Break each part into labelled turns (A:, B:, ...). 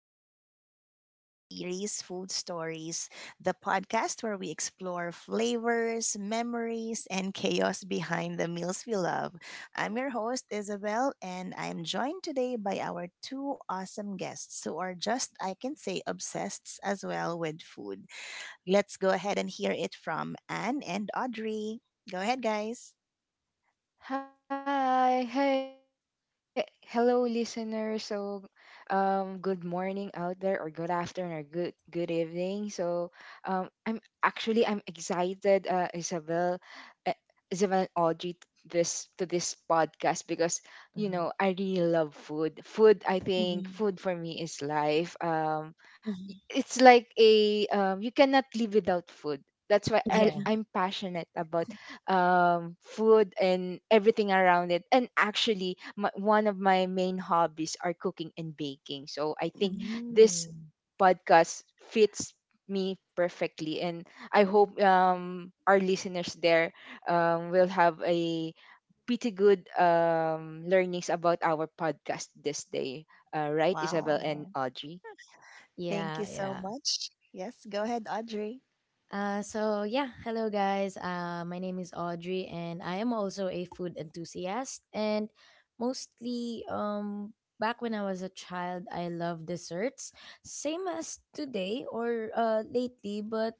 A: episode of Food Stories, the podcast where we explore flavors, memories, and chaos behind the meals we love. I'm your host, Isabel, and I'm joined today by our two awesome guests who are just, I can say, obsessed as well with food. Let's go ahead and hear it from Anne and Audrey. Go ahead, guys.
B: Hi, hey, hello, listeners. So, good morning out there, or good afternoon, or good evening. So, I'm actually, I'm excited, uh, Isabel and Audrey, t- this to this podcast because you know
C: Mhm.
B: I really love food. Food, I think,
A: Mhm,
B: food for me is life.
A: mhm,
B: It's like a, you cannot live without food. That's why I,
A: mhm,
C: Yeah.
B: I'm passionate about food and everything around it. And actually, my, one of my main hobbies are cooking and baking. So I think
A: mhm.
B: this
C: Mm.
B: podcast fits me perfectly, and I hope our listeners there will have a pretty good learnings about our podcast this day, right, Isabel
A: Wow.
B: and Audrey?
A: Thank
C: Yeah,
A: you so
C: yeah.
A: much. Yes, go ahead, Audrey.
C: So yeah, hello guys. My name is Audrey, and I am also a food enthusiast. And mostly, back when I was a child, I love desserts, same as today or lately. But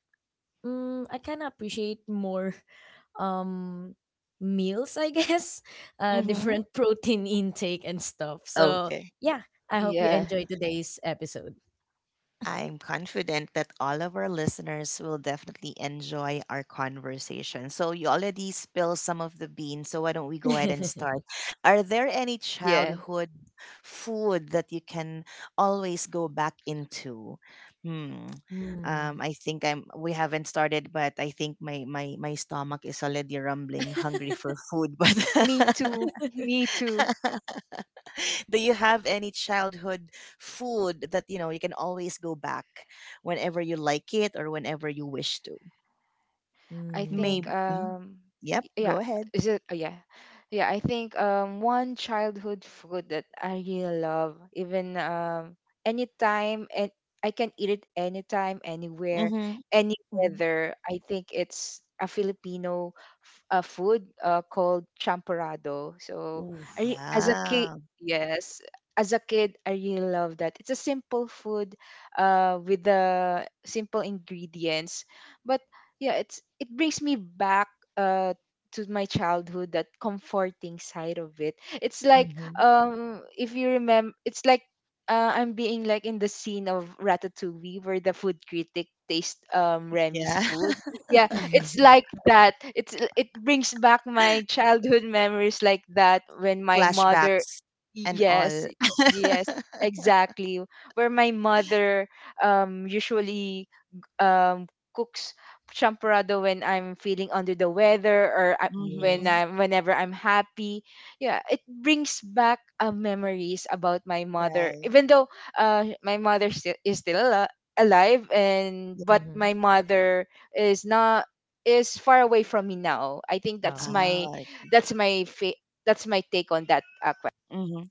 C: I kind of appreciate more um meals, I guess.
A: Mm-hmm.
C: Different protein intake and stuff. So
A: Okay.
C: yeah, I hope
B: Yeah,
C: you enjoy today's episode.
A: I'm confident that all of our listeners will definitely enjoy our conversation. So, you already spilled some of the beans. So, why don't we go ahead and start? Are there any
B: yeah,
A: childhood food that you can always go back into? Hmm.
C: Mm.
A: I think I'm. We haven't started, but I think my stomach is already rumbling, hungry for food. But
B: me too, me too.
A: Do you have any childhood food that you know you can always go back whenever you like it or whenever you wish to?
B: I think,
C: Mm.
A: Maybe. Mhm. Yep.
B: yeah,
A: Go ahead.
B: is it? Oh yeah. Yeah, I think one childhood food that I really love, even anytime, and I can eat it anytime, anywhere,
A: Mm-hmm.
B: any
A: Hmm.
B: weather. I think it's a Filipino food, called champorado. So,
C: Oof.
B: as a kid,
A: Yeah.
B: yes, as a kid, I really love that. It's a simple food, with the simple ingredients, but yeah, it brings me back uh to my childhood, that comforting side of it. It's like,
C: Mhm.
B: if you remember, it's like, I'm being like in the scene of Ratatouille where the food critic tastes Remy's
A: Yeah.
B: food. Yeah, it's like that. It brings back my childhood memories like that when my mother,
A: Flashbacks and
B: yes,
A: all.
B: yes, exactly, where my mother usually um cooks champorado when I'm feeling under the weather, or when
A: Mm-hmm.
C: Yes.
B: I'm, whenever I'm happy. Yeah, it brings back memories about my mother.
A: Right.
B: Even though my mother still is still alive, and
A: Yeah.
B: but
C: Mhm.
B: my mother is not, is far away from me now. I think that's
C: Oh.
B: my,
A: Ah.
B: that's my fa- that's my take on that question.
A: Mm-hmm.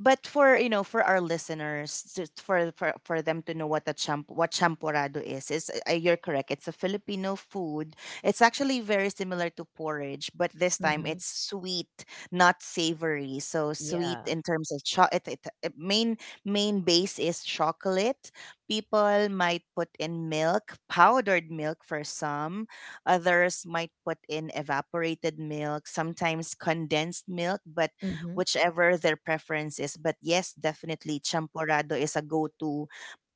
A: But for you know for our listeners, just for them to know what a champorado is, you're correct, it's a Filipino food. It's actually very similar to porridge, but this time
C: Mhm.
A: it's sweet, not savory. So sweet
C: Yeah.
A: in terms of main base is chocolate. People might put in milk powdered milk, for some others might put in evaporated milk, sometimes condensed milk, but
C: Mhm.
A: whichever their preference is. But yes, definitely champorado is a go-to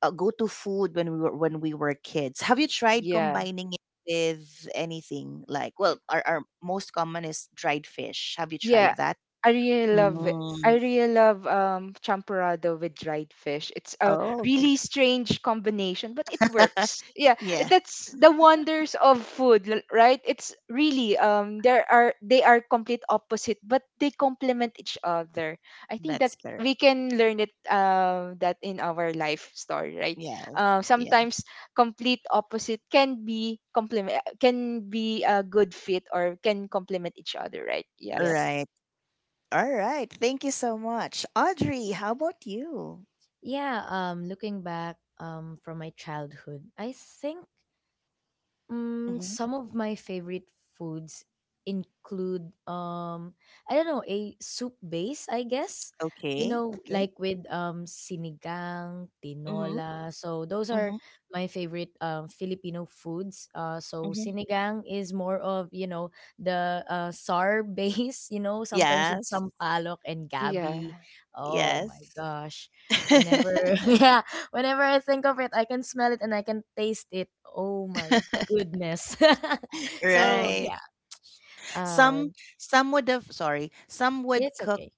A: a go-to food when we were kids. Have you tried
B: Yeah.
A: combining it with anything, like, well, our most common is dried fish. Have you
B: Yeah,
A: tried that?
B: I really love it. I
A: Mm.
B: really love champurrado with dried fish. It's a
A: Oh, okay.
B: really strange combination, but it works. Yeah,
A: Yeah,
B: that's the wonders of food, right? It's really, there are, they are complete opposite, but they complement each other. I think that
A: that's
B: we
A: correct.
B: can learn it, that in our life story, right?
A: Yes. Yeah.
B: Sometimes complete opposite can be complement, can be a good fit or can complement each other, right?
A: All
C: Yep.
B: Yes.
A: right. All right. Thank you so much. Audrey, how about you?
C: Yeah, looking back from my childhood, I think
A: Hmm.
C: some of my favorite foods include I don't know, a soup base, I guess,
A: Okay. Okay.
C: like with sinigang,
A: Mm-hmm.
C: tinola. So those are
A: Mm-hmm.
C: my favorite Filipino foods. So
A: Mm-hmm.
C: sinigang is more of, you know, the sour base. You know, sometimes it's
A: Yes.
C: sampalok and
B: Yeah,
C: gabi. Oh
A: Yes.
C: my gosh, whenever yeah, whenever I think of it, I can smell it and I can taste it. Oh my goodness. So
B: yeah,
A: Right.
C: yeah, uh,
A: Some some would
C: it's
A: cook
C: okay.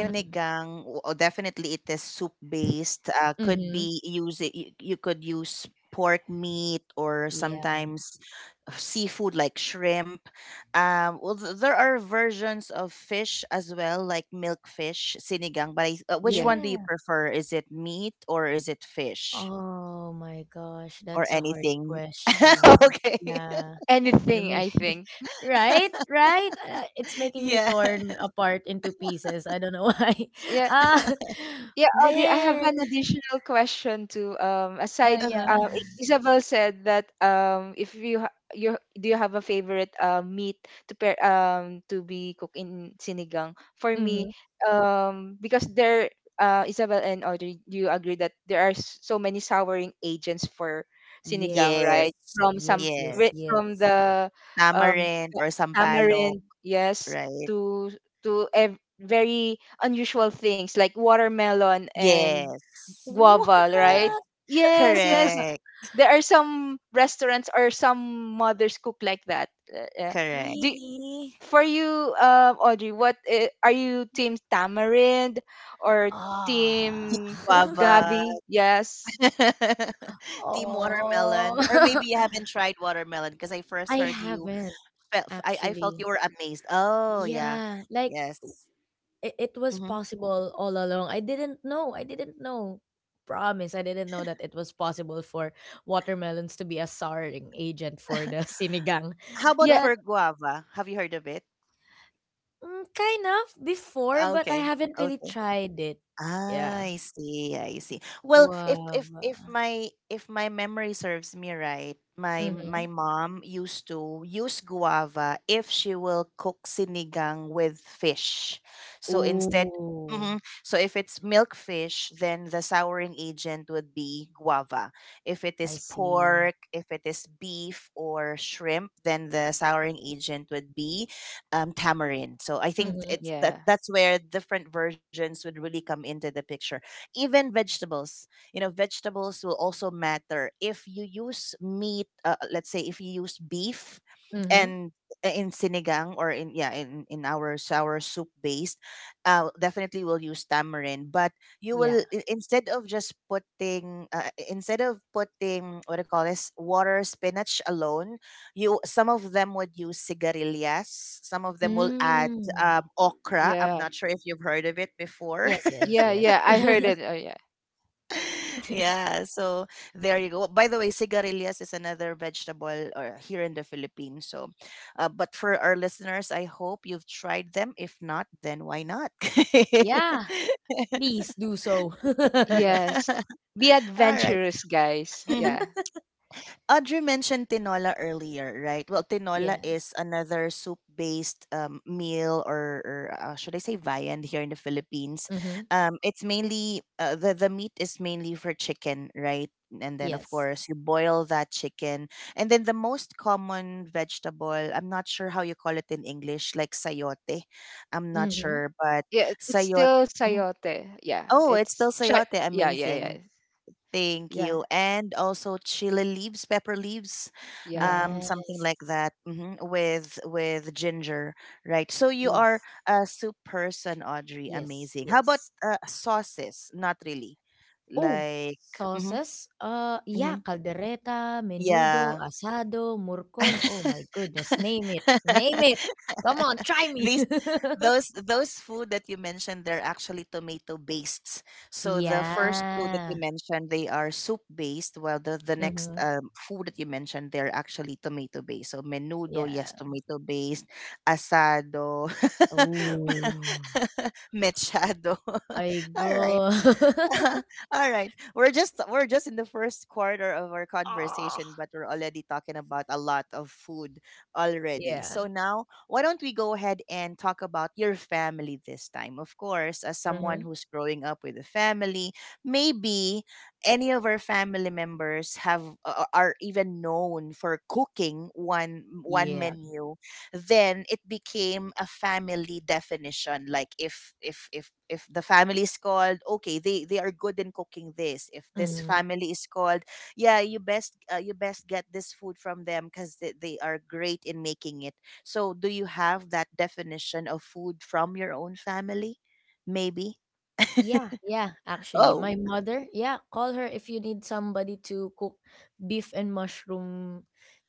A: Definitely it is soup based. Could
C: Mm-hmm.
A: be use it, you could use pork meat or
C: Yeah,
A: sometimes seafood like shrimp. Well, there are versions of fish as well, like milk fish, sinigang. But which
B: yeah.
A: one do you
C: yeah.
A: prefer? Is it meat or is it fish
C: Oh my gosh,
A: or
C: that's a hard
A: anything?
C: question.
A: Okay.
C: Yeah, you're
B: Anything, I
C: making
B: think.
C: right, right. It's making me
A: Yeah.
C: torn apart into pieces. I don't know why.
B: Yeah.
C: Ah,
B: Yeah, Audrey, I have
C: man.
B: an additional question too. Aside,
C: Yeah.
B: Isabel said that if you you, do you have a favorite meat to pair to be cooked in sinigang? For me,
C: Mm-hmm.
B: because there, Isabel and Audrey, do you agree that there are so many souring agents for sinigang,
C: Yes,
B: right?
A: Yes,
B: From some
C: yes,
A: yes.
C: yes,
B: from
C: yes.
B: the, um
A: Tamarind or sampalok,
B: tamarind, yes,
A: right?
B: to, very unusual things like watermelon and
A: Yes,
C: What?
B: guava, right?
A: yes.
B: Yes, yes.
A: Correct,
B: There are some restaurants or some mothers cook like that. Yeah.
A: correct.
B: Do
C: Really?
B: for you, Audrey, what, are you team tamarind or
C: Ah.
B: team
A: Guava,
B: gabi? Yes.
A: team
C: Oh,
A: watermelon, or maybe you haven't tried watermelon because I first
C: I
A: heard you.
C: haven't
A: Felt, I felt you
C: actually.
A: were amazed. Oh yeah,
C: Yeah, like
A: yes.
C: it was
A: Hmm.
C: possible all along. I didn't know. I didn't know. Promise, I didn't know that it was possible for watermelons to be a souring agent for the sinigang.
A: How about
B: Yeah.
A: for
C: But
A: guava? Have you heard of it?
C: mm, kind of before, but I
A: Okay,
C: haven't really
A: okay.
C: tried it. Yeah,
A: I see, I see. Well, if if
C: guava.
A: if my if my memory serves me right, my
C: Mm-hmm.
A: my mom used to use guava if she will cook sinigang with fish. So instead.
C: Ooh,
A: Mhm. So if it's milk fish, then the souring agent would be guava. If it
C: I
A: is
C: see.
A: pork, if it is beef or shrimp, then the souring agent would be tamarind. So I think
C: Mm-hmm.
A: it's that
B: Yeah.
A: that's where different versions would really come into the picture. Even vegetables, will also matter. If you use meat, let's say if you use beef,
C: Mm-hmm.
A: and in sinigang or in in our sour soup based, definitely will use tamarind. But you
C: Yeah.
A: will instead of just putting instead of putting what do you call this, water spinach alone. You Some of them would use cigarillas, some of them will add
C: Mm.
A: okra. I'm
B: Yeah.
A: not sure if you've heard of it before.
C: Yes, yes,
B: Yeah.
C: yes.
B: Yeah. I heard it. Oh yeah.
A: Yeah, so there you go. By the way, cigarillas is another vegetable or here in the Philippines, so but for our listeners, I hope you've tried them. If not, then why not?
C: Yeah, please do so.
B: Yes. Be
A: All right.
B: adventurous, guys.
A: Mm-hmm.
B: Yeah.
A: Audrey mentioned tinola earlier, right? Well, tinola
C: Yeah.
A: is another soup-based meal, or, should I say, viand here in the Philippines.
C: Mm-hmm.
A: It's mainly the meat is mainly for chicken, right? And then of
C: Yes.
A: course you boil that chicken, and then the most common vegetable, I'm not sure how you call it in English, like sayote. I'm not
C: Mm-hmm.
A: sure, but
B: Yeah, it's
A: sayote.
B: still
A: Mm.
B: sayote. Yeah,
A: Oh, it's still sayote.
B: yeah, yeah, yeah,
A: Amazing. Thank
B: yeah,
A: you. And also chili leaves, pepper leaves,
B: yeah.
A: something
C: Yes.
A: like that, with ginger, right? So you are
C: Oof.
A: a soup person, Audrey.
C: Yes,
A: Amazing. How about
C: yes.
A: sauces? Not really.
C: Oh,
A: Like, hmm,
C: sauces. Yeah,
A: hmm,
C: caldereta, menudo,
A: yeah.
C: asado, murcon. Oh my goodness, name it. Name it. Come on, try me.
A: These Those food that you mentioned, they're actually tomato based. So the first two that you
C: Yeah.
A: mentioned, they are soup based, while the next
C: Mm-hmm.
A: food that you mentioned, they're actually tomato based. So menudo, yes,
C: Yeah.
A: tomato based, asado,
C: Oh,
A: mechado.
C: I
A: All right.
C: go.
A: All right. We're just in the first quarter of our conversation,
C: Ah,
A: but we're already talking about a lot of food already.
C: yeah.
A: So now, why don't we go ahead and talk about your family this time? Of course, as someone
C: Mm-hmm.
A: who's growing up with a family, maybe any of our family members are even known for cooking one
C: Yeah.
A: menu, then it became a family definition, like if the family is called okay, they are good in cooking this. If this
C: Mhm.
A: family is called, yeah you best, get this food from them cuz they are great in making it. So do you have that definition of food from your own family, maybe?
C: Yeah, yeah, actually.
A: Oh.
C: My mother, yeah, call her if you need somebody to cook beef and mushroom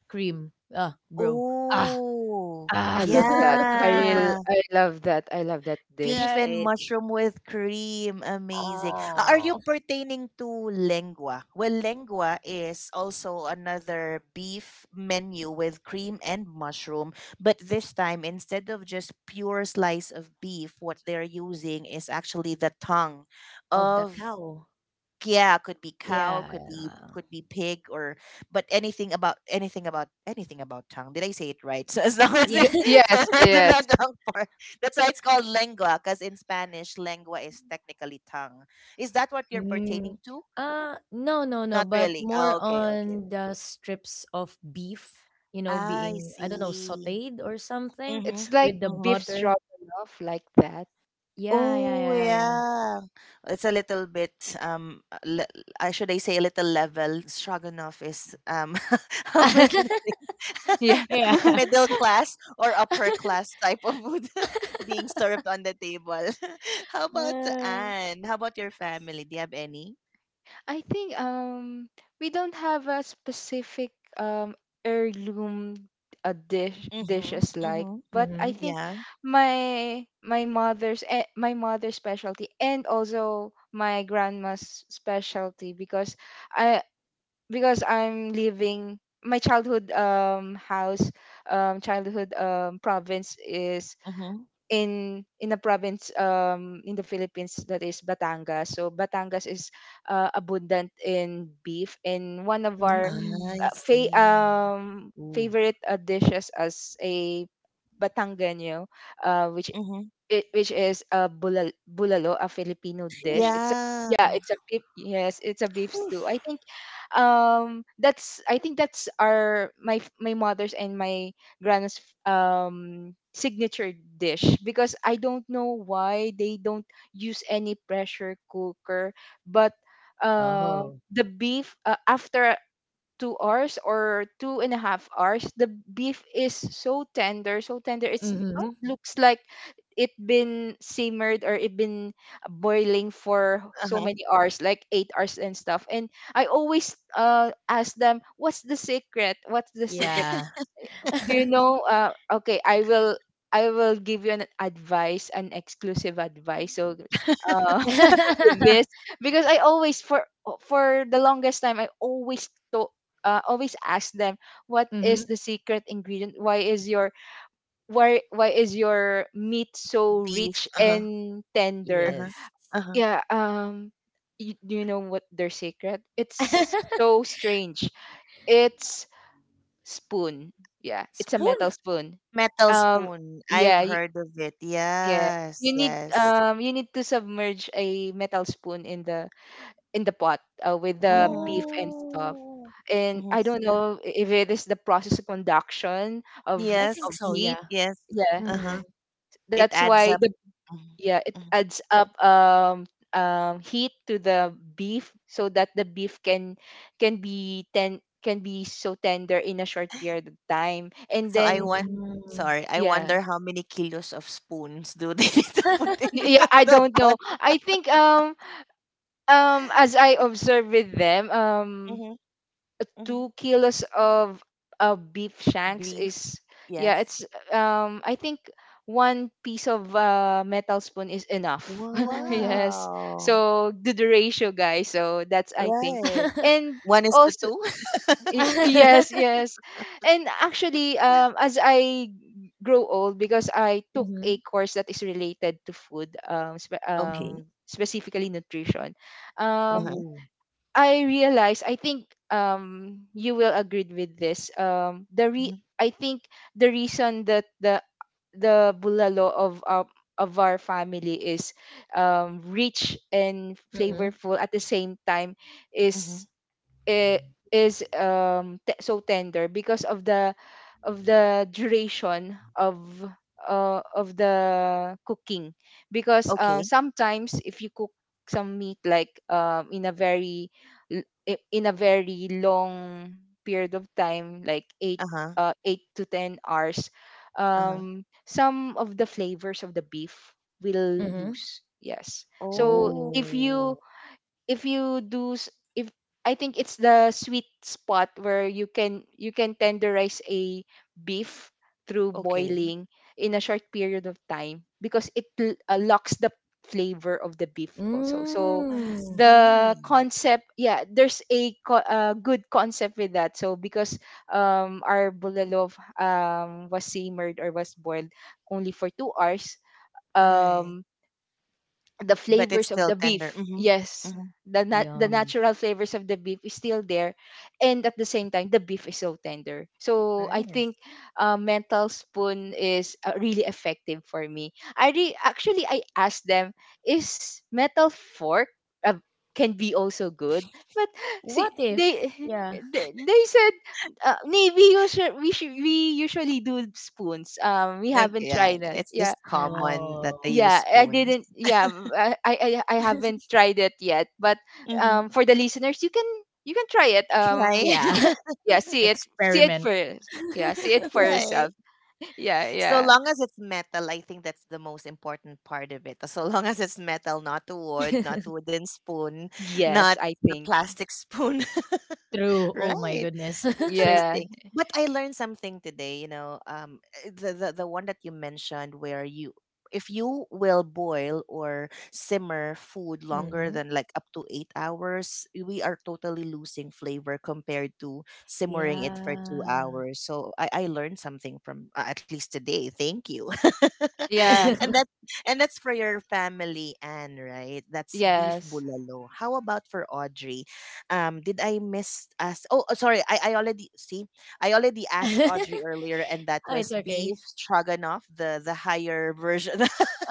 C: cream. Ah, bro. Ah,
A: Oh
B: I
C: ah.
B: love that. I real,
A: yeah.
B: I love that. I love that dish.
A: Beef and
C: Right.
A: mushroom with cream. Amazing. Are you
C: Oh,
A: pertaining to lengua? Well, lengua is also another beef menu with cream and mushroom. But this time, instead of just pure slice of beef, what they're using is actually the tongue
C: of the
A: of,
C: cow.
A: yeah, could be cow, could be
C: Yeah.
A: could be pig, or but anything about tongue. Did I say it right? So as long as
C: Yeah.
A: it's
B: Yes, yes.
A: the tongue part, that's why it's called lengua. Because in Spanish, lengua is technically tongue. Is that what you're
C: Mm.
A: pertaining to?
C: No, no, no,
A: Not
C: but
A: really.
C: more
A: Oh, okay, okay.
C: on the strips of beef,
A: I
C: being I don't know,
A: see.
C: sautéed or something
A: Mm-hmm.
B: It's like
C: with the
A: Mm-hmm.
B: beef
C: butter.
B: stroganoff, like that.
C: Yeah, yeah,
A: Oh
C: yeah, yeah.
A: yeah, it's a little bit um. uh, Le- should I say a little level? Stroganoff is. How am I
C: Yeah.
A: gonna say?
B: Yeah.
C: Yeah.
A: Middle class or upper class type of food being served on the table. How about
C: Uh,
A: Anne? How about your family? Do you have any?
B: I think we don't have a specific heirloom
A: Mm-hmm.
B: dishes like,
A: Mm-hmm.
B: but I
C: Mhm.
B: think
A: Yeah.
B: my, my mother's, my mother's specialty and also my grandma's specialty, because I because I'm living my childhood house, childhood province, is
A: Mm-hmm.
B: in a province in the Philippines, that is Batangas. So Batangas is abundant in beef, and one of our
A: I
C: Mm.
A: see.
C: Oof.
B: favorite dishes as a Batangano, which
A: Mm-hmm.
B: it, which is a bulal, bulalo, a Filipino dish. It's a,
C: Oof.
A: Yeah.
B: yeah, it's a beef. Yes, it's a beef stew. I think, that's, I think that's our, my my mother's and my grandma's signature dish, because I don't know why they don't use any pressure cooker, but uh
C: Oh.
B: the beef, after 2 hours or 2.5 hours, the beef is so tender, so tender, it's,
A: Oh,
B: it
C: Mhm.
B: looks like it been simmered or it been boiling for so
A: uh-huh.
B: many hours, like 8 hours and stuff. And I always ask them, what's the secret, what's the secret?
C: Yeah.
B: Do you know? Uh, okay, I will, give you an advice, an exclusive advice. So, uh with this, because I always, for the longest time I always to, always ask them, what is
C: Mhm.
B: the secret ingredient? Why is your, why is your meat so
A: Beef.
B: rich
A: Uh-huh.
B: and tender?
A: Uh-huh.
C: Yes.
A: Uh-huh.
B: Yeah, you, do you know what their secret? It's so strange. It's spoon. Yeah, it's a
C: Spoon?
B: metal spoon.
A: Metal
B: Um,
A: spoon.
B: yeah,
A: I've heard of it.
B: yeah.
A: Yes.
B: You need,
A: Yes.
B: you need to submerge a metal spoon in the, in the pot, with the
A: Mm-hmm.
B: beef and stuff.
C: Oh,
B: And
A: Mm-hmm.
B: I don't know if it is the process of conduction of,
C: I think
A: Yes.
B: of
C: so, yeah.
B: heat.
A: Yes.
B: Yeah,
C: Mm.
A: Uh-huh. It
B: that's
A: adds
B: why
A: up.
B: the, yeah, it
A: Mhm.
B: adds up heat to the beef, so that the beef can be ten, can be so tender in a short period of time, and
A: So I
B: then
A: want
C: Mm.
A: sorry, I
B: yeah.
A: wonder how many kilos of spoons do they need to put in
B: Yeah, I
A: the
B: don't
A: pot.
B: know. I think as I observe with them,
A: Hmm. Hmm.
B: 2 kilos of beef shanks
A: Beef,
B: is, yeah,
A: yes.
B: it's, I think one piece of metal spoon is enough.
C: What?
B: Yes.
A: Wow.
B: So do the ratio, guys. So that's, I think.
A: Right.
B: And
A: One is to
B: also,
A: two.
B: Yes, yes. And actually, as I grow old, because I took a
C: Mhm.
B: course that is related to food,
A: Okay.
C: Mhm.
B: specifically nutrition, um
A: Uh-huh.
C: Ooh.
B: I realized, I think, you will agree with this, the
A: Hmm.
B: re-, I think the reason that the bulalo of, of our family is rich and
C: Mhm.
B: flavorful at the same time,
A: Hmm.
B: is, i-, is, te-, so tender, because of the, of the duration of, of the cooking, because
A: Okay.
B: sometimes if you cook some meat like, in a very, in a very long period of time, like 8,
A: Uh-huh.
B: 8 to 10 hours,
A: Uh-huh.
B: some of the flavors of the beef will
C: Mhm.
B: lose. Yes, so
A: Oh.
B: if you,
C: Ooh.
B: if you do s-, if, I think it's the sweet spot where you can, you can tenderize a beef through
A: Okay.
B: boiling in a short period of time, because it, locks the flavor of the beef also. So
A: I
C: Mm.
B: the
A: see.
B: concept, yeah, there's a co-, good concept with that. So because our bulalo was simmered or was boiled only for 2 hours,
A: Right.
B: um the
A: But it's
B: flavors of
A: still
B: the
A: tender.
B: beef,
A: Mm-hmm.
B: yes,
A: Mm-hmm.
B: the nat-, the
C: Yum.
B: natural flavors of the beef is still there, and at the same time the beef is so tender. So I think
A: Nice.
B: mental spoon is, really effective. For me, I re-, actually, I asked them, is metal fork, uh, can be also good? But see,
C: What if?
B: they
C: Yeah.
B: they said, maybe, we usually, we, should, we usually do spoons. Um, we
A: Okay.
B: haven't
A: Yeah,
B: tried that.
A: it's
B: Yeah,
A: just common that they
C: Oh.
A: use
B: yeah, I
A: spoons.
B: didn't, yeah, I I haven't tried it yet, but
A: Mm-hmm.
B: for the listeners, you can, you can try it,
A: Right.
C: Yeah.
B: see, yeah, see it
C: Experiment
B: for, yeah, see it for
A: Right.
B: yourself. Yeah,
A: So
B: yeah.
A: long as it's metal, I think that's the most important part of it. So long as it's metal, not wood, not wooden spoon,
B: Yes,
A: not
B: I
A: the
B: think.
A: plastic spoon.
C: true. Oh my
A: Right.
C: goodness.
B: Yeah,
A: Interesting. But I learned something today, the one that you mentioned where you if you will boil or simmer food longer
C: hmm
A: than like up to 8 hours, we are totally losing flavor compared to simmering it for 2
C: Yeah.
A: hours. So I learned something from at least today. Thank you.
B: yeah.
C: Oh,
A: and that and that's for your family, Anne, right? That's beef
B: Yes.
A: bulalo. How about for Audrey? Did I miss us? Oh, sorry, I already see. I already asked Audrey earlier, and that
C: it's
A: was beef
C: okay.
A: stroganoff, the higher version.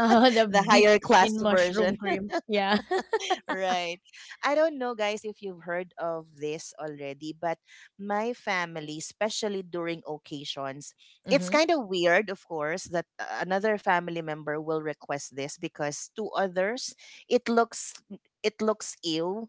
C: The
A: The
C: beef
A: higher class
C: in
A: version.
C: mushroom cream. Yeah.
A: Right. I don't know, guys, if you've heard of this already, but my family, especially during occasions, it's
C: Mm-hmm.
A: kind of weird, of course, that another family member will request this because to others, it looks it looks ill.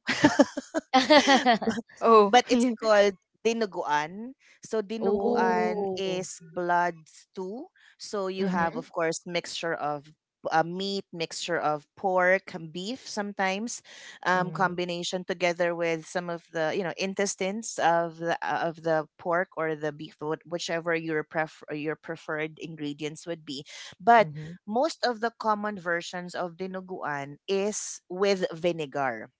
B: Oh.
A: But it's
B: Yeah.
A: called dinuguan. So
B: Whoa.
A: dinuguan
C: Oh.
A: is blood stew. So you have, of
C: Mm-hmm.
A: course, mixture of meat, mixture of pork, and beef, sometimes
C: Mm-hmm.
A: combination together with some of the intestines of the pork or the beef, whichever your pref- or your preferred ingredients would be. But
C: Mm-hmm.
A: most of the common versions of dinuguan is with vinegar.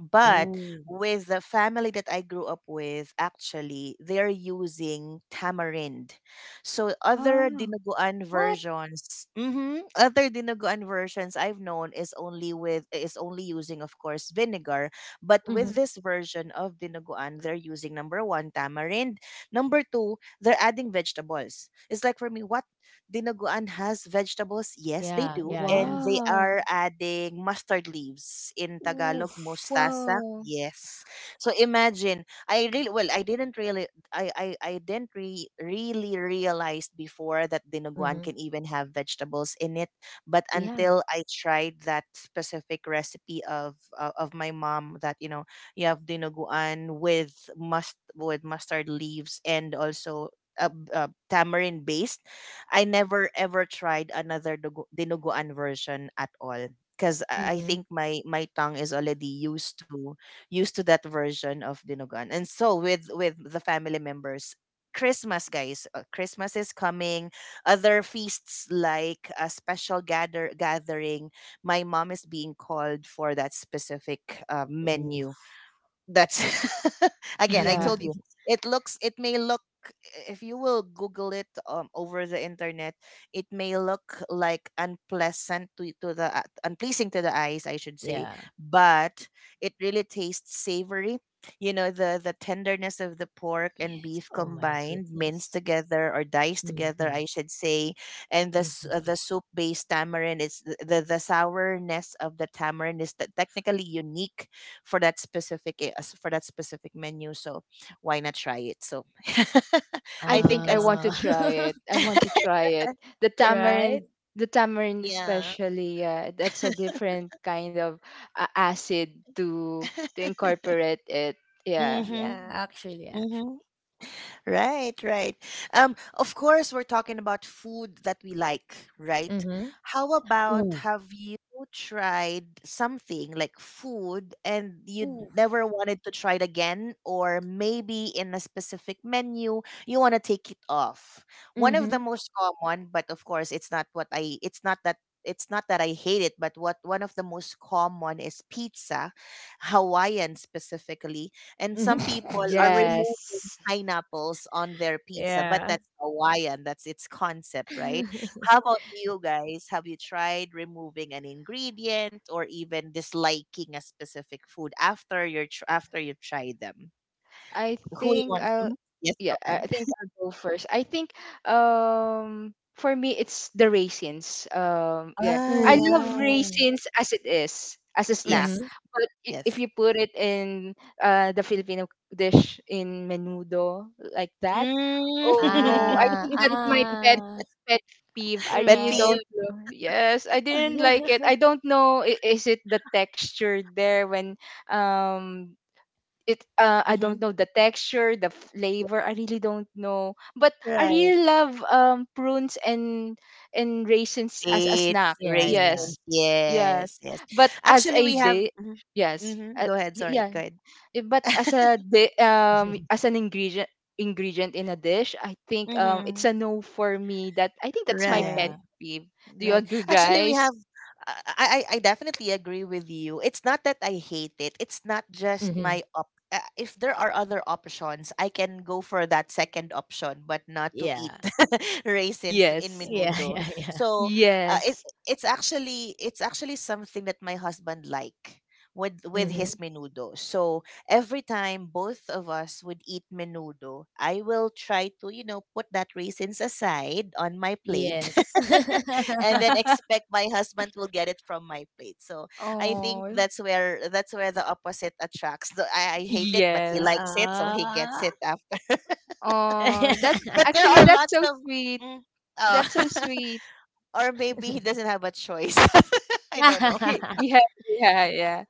A: But
C: Oh.
A: with the family that I grew up with, actually, they're using tamarind. So other
B: Wow.
A: dinuguan
C: What?
A: versions, other dinuguan versions I've known is only using, of course, vinegar. But with
C: Mm-hmm.
A: this version of dinuguan, they're using number one, tamarind, number two, they're adding vegetables. It's like, for me, what, dinuguan has vegetables? Yes, they
C: Yeah,
A: do.
C: yeah, yeah.
A: And they
B: Wow.
A: are adding mustard leaves, in Tagalog,
C: Oof.
A: mustasa.
B: Wow.
A: Yes. So imagine, I really well, I didn't really realize before that dinuguan
C: Mm-hmm.
A: can even have vegetables in it. But
C: Yeah.
A: until I tried that specific recipe of my mom, you have dinuguan with mustard leaves and also tamarind based. I never ever tried another dinuguan version at all, because I
C: Mm-hmm.
A: think my tongue is already used to that version of dinuguan. And so with the family members, Christmas, guys, Christmas is coming. Other feasts, like a special gathering, my mom is being called for that specific menu.
C: Oof.
A: That's again, I
B: Yeah,
A: told you. It may look, if you will Google it over the internet, it may look like unpleasant to the unpleasing to the eyes, I should say,
C: Yeah.
A: but it really tastes savory. You know, the tenderness of the pork and
C: Yes.
A: beef
C: Oh my
A: combined, minced
C: goodness.
A: together or diced together,
C: Mhm,
A: I should say, and
C: mhm.
A: the soup based tamarind is the sourness of the tamarind is technically unique for that specific menu. So why not try it? So
B: I
A: I think
B: think I
A: that's
B: want to
C: Ah,
B: try it. I want to try it. The
C: right?
B: tamarind, the tamarind
A: yeah.
B: especially, yeah, that's a different kind of acid to incorporate it. Yeah.
A: Mhm.
C: Yeah, actually.
A: Mhm. Right, right. Of course, we're talking about food that we like, right?
C: Mhm.
A: How about,
C: Ooh.
A: have you tried something like food and you
C: Ooh.
A: never wanted to try it again, or maybe in a specific menu you want to take it off? One of the
C: Mhm.
A: most common, but of course, it's not what I. It's not that. It's not that I hate it, but what one of the most common is pizza, Hawaiian specifically, and some people are removing
B: Yes.
A: pineapples on their pizza, but
C: Yeah.
A: that's Hawaiian. That's its concept, right? How about you guys? Have you tried removing an ingredient or even disliking a specific food after after you've tried them?
B: I
A: Who you
B: think
A: want?
B: I'll,
A: Yes, go
B: yeah, I
A: on.
B: think I'll go first. I think for me it's the raisins. Um, yeah.
A: Ah,
B: I
C: Ooh.
B: love
A: yeah.
B: raisins as it is, as a snack.
A: Yes,
C: Mhm.
B: But if
A: yes.
B: you put it in the Filipino dish in menudo like that, oh no,
A: Mm.
B: I
C: ah,
B: think that's my
C: ah,
B: pet peeve. I
A: but
B: really
A: the
C: right.
B: don't know. Yes, I didn't like it. I don't know, is it the texture there when, um it, I don't
A: mhm.
B: know, the texture, the flavor. I really don't know. But I
A: right
B: really love prunes and raisins as a
A: Dates,
B: snack.
C: Yeah, yeah.
A: raisins.
B: Yes. Yes.
A: Yes, yes.
B: But as
A: Actually,
B: a
A: we have.
B: day,
A: Mm-hmm.
B: yes.
A: Mm-hmm. Go ahead. Sorry.
B: Yeah.
A: Go ahead.
B: Eh, but as a di-, as an ingredient, in a dish, I think it's
A: Mhm.
B: a no for me. That, I think that's my pet
C: Yeah,
A: Right.
B: peeve. Do you
A: Right.
B: agree,
A: Actually, we
B: guys?
A: have. I definitely agree with you. It's not that I hate it. It's not just
C: Mhm.
A: my op. If there are other options, I can go for that second option, but not to eat
C: Yeah,
A: raisins in
B: Yes.
C: yeah,
A: menudo.
C: yeah, yeah.
A: So, uh, it
B: Yes.
A: it's actually something that my husband like with his
C: Mhm.
A: menudo. So every time both of us would eat menudo, I will try to put that raisins aside on my plate.
C: Yes.
A: And then expect my husband will get it from my plate. So I think
B: Oh.
A: that's where the opposite attracts. Though I hate it, but he
B: Yes.
A: likes it, so he gets
C: Ah.
A: it after.
B: Oh, that,
A: but there
B: actually,
A: are
B: that's
A: lots
B: so
A: of,
B: sweet.
A: mm,
B: That's so
A: oh,
B: sweet.
A: Or maybe he doesn't have a choice. I don't know.
B: Yeah, yeah, yeah.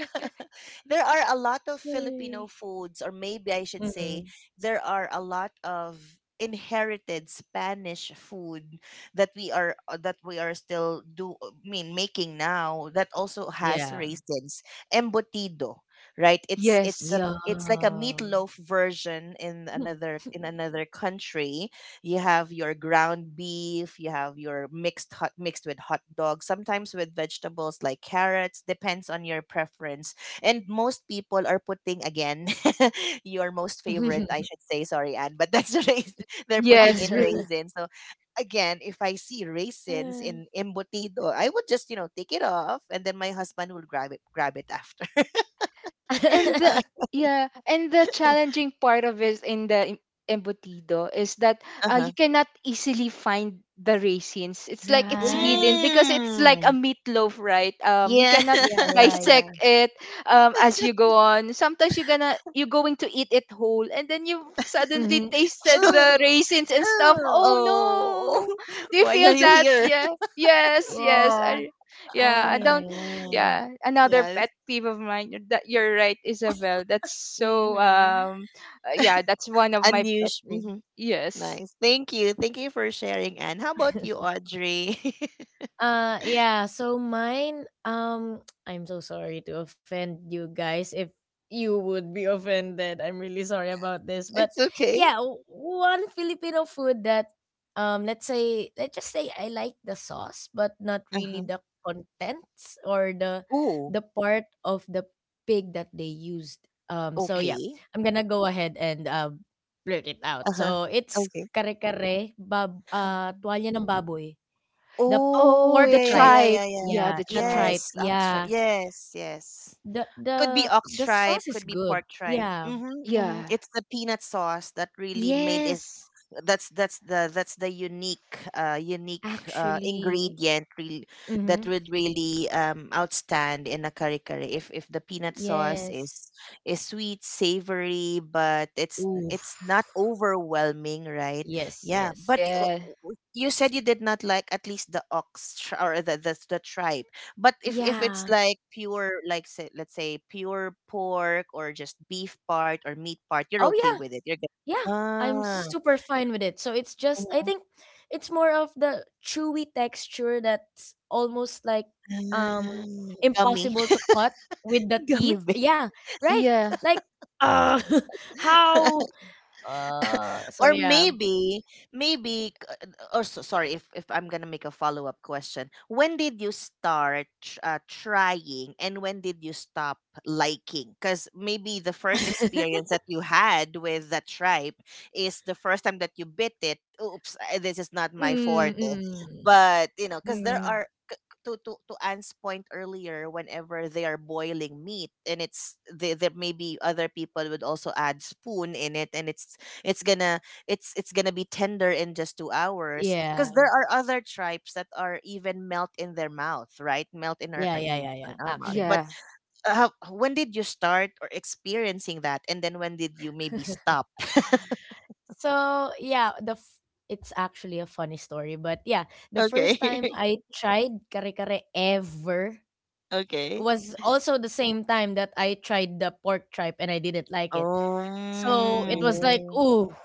A: There are a lot of
C: Ay.
A: Filipino foods, or maybe I should say,
C: Mhm.
A: there are a lot of inherited Spanish food that we are, still do I mean making now, that also has
C: Yeah.
A: raisins. Embutido, right? it's
C: Yeah.
A: it's a
B: Yes.
A: it's like a meatloaf version in another, in another country. You have your ground beef, you have your mixed with hot dog, sometimes with vegetables like carrots, depends on your preference. And most people are putting, again, your most favorite, I should say, sorry, Anne, but that's they're putting
B: Yes,
A: in
B: really.
A: raisins. So again, if I see raisins in embutido, I would just take it off, and then my husband will grab it after.
B: And the Yeah, and the challenging part of it in the embutido is that
A: Uh huh.
B: you cannot easily find the raisins. It's like it's
C: Right.
B: hidden because it's like a
A: Mm.
B: meatloaf, right? You
A: Yeah.
B: cannot
C: Yeah, yeah,
B: dissect
C: yeah.
B: it. As you go on, sometimes you're going to eat it whole, and then you suddenly
C: Mhm.
B: tasted the
C: Ooh,
B: raisins and stuff.
C: ooh.
B: Oh
A: Oh,
B: no. Do you
A: why
B: feel
A: are you
B: that?
A: here?
B: Yeah. Yes, yes.
C: Yeah.
B: I Yeah, I
C: Ay, ay,
B: don't.
C: ay.
B: Yeah, another pet
A: Yes.
B: peeve of mine, that you're right, Isabel. That's so
A: Mm-hmm.
B: yeah, that's one of my pet
A: Unusual.
B: peeves.
A: Hmm.
B: Yes.
A: Nice. Thank you. Thank you for sharing, Anne. How about you, Audrey?
C: Yeah, so mine, I'm so sorry to offend you guys if you would be offended. I'm really sorry about this,
A: It's
C: but
A: okay.
C: yeah, one Filipino food that let's just say I like the sauce but not really
A: Uh-huh.
C: the contents or
A: Oh,
C: the part of the pig that they used. So
B: Okay.
C: yeah,
A: okay.
C: I'm going to go ahead and blurt it out.
A: Uh-huh.
C: So it's
A: Okay.
C: kare-kare bab
B: Oh.
C: tuwalya ng baboy. The
A: Oh,
B: Oh,
C: pork
B: the
A: yeah, yeah,
C: tripe.
A: yeah,
B: tribe.
A: yeah, yeah.
B: Yeah,
C: Yeah,
B: the
C: the
B: tribe.
C: tripe.
A: Yes, oxtripe.
C: Yeah.
A: Yes, yes.
C: The
A: Could be
C: the
A: ox
C: the
A: tripe,
C: sauce is
A: could be
C: good.
A: pork tripe.
C: Yeah.
A: Mm-hmm, mm-hmm.
B: Yeah.
A: It's the peanut sauce that really made it.
C: Yes,
A: That's the unique
C: actually.
A: ingredient really, that
C: Mm-hmm.
A: would really outstand in a curry, if the peanut sauce
C: Yes.
A: is sweet savory, but it's
C: Oof.
A: it's not overwhelming, right?
C: Yes,
A: Yeah, but
C: yes.
B: Yeah.
A: you said you did not like, at least, the ox tr- or the tripe but if it's
C: Yeah.
A: let's say pure pork, or just beef part or meat part, you're
C: Oh
A: okay
C: yeah.
A: with it, you're good.
C: Yeah. I'm
A: Ah,
C: super fine with it. So it's just I
A: mm-hmm.
C: think it's more of the chewy texture that's almost like um
A: Ah, gummy.
C: impossible to cut with the
A: Gummy
C: teeth.
A: bear.
C: Yeah, right.
B: Yeah.
C: Like uh how so
A: Or
C: yeah.
A: maybe, maybe, c- or so, sorry, if I'm going to make a follow up question, when did you start trying, and when did you stop liking? Because maybe the first experience that you had with that tribe is the first time that you bit it. Oops, this is not my
C: Mm,
A: forte.
C: mm,
A: But, because there
C: mm.
A: are to Anne's point earlier, whenever they are boiling meat and it's there maybe other people would also add spoon in it, and it's it's gonna gonna be tender in just 2 hours. Because
C: Yeah.
A: there are other tribes that are even melt in their mouth, right? Melt in
C: Yeah, yeah, yeah, yeah,
A: our mouth. But
C: actually.
B: Yeah.
A: when did you start or experiencing that, and then when did you maybe stop?
C: So, yeah, the it's actually a funny story, but yeah, the first time
A: Okay,
C: I tried kare-kare ever
A: okay.
C: was also the same time that I tried the pork tripe and I didn't like it. So, it was like,
A: Um.
B: Oh
C: ooh,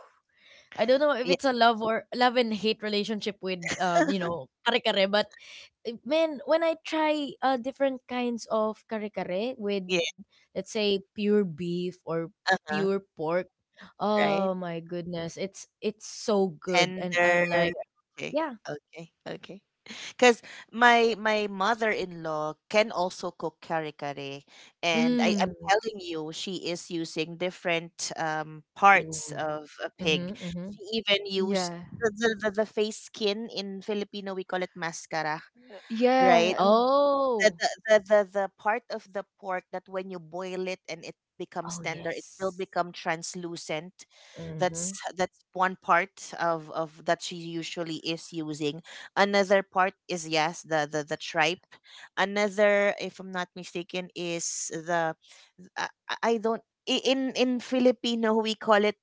C: I don't know if
A: Yeah.
C: it's a love or love and hate relationship with you know, kare-kare, but man, when I try different kinds of kare-kare with,
A: Yeah.
C: let's say, pure beef or pure pork, oh
A: Right.
C: my goodness, it's so good, and I'm
A: Tender.
C: like,
A: Okay.
C: yeah,
A: Okay. Okay. Because my mother-in-law can also cook kare-kare, and I am
C: mm,
A: telling you, she is using different parts
C: ooh,
A: of a
C: mm-hmm,
A: pig.
C: mm-hmm.
A: She even used
B: yeah.
A: the face skin. In Filipino we call it mascara, right?
B: Yeah.
A: The,
C: Oh,
A: the the the the part of the pork, that when you boil it and it
C: oh
A: becomes tender, it
C: yes,
A: will become translucent.
C: mm-hmm,
A: That's that's one part of that she usually is using. Another part is, yes, the tripe. Another, if I'm not mistaken, is the I don't I- in Filipino we call it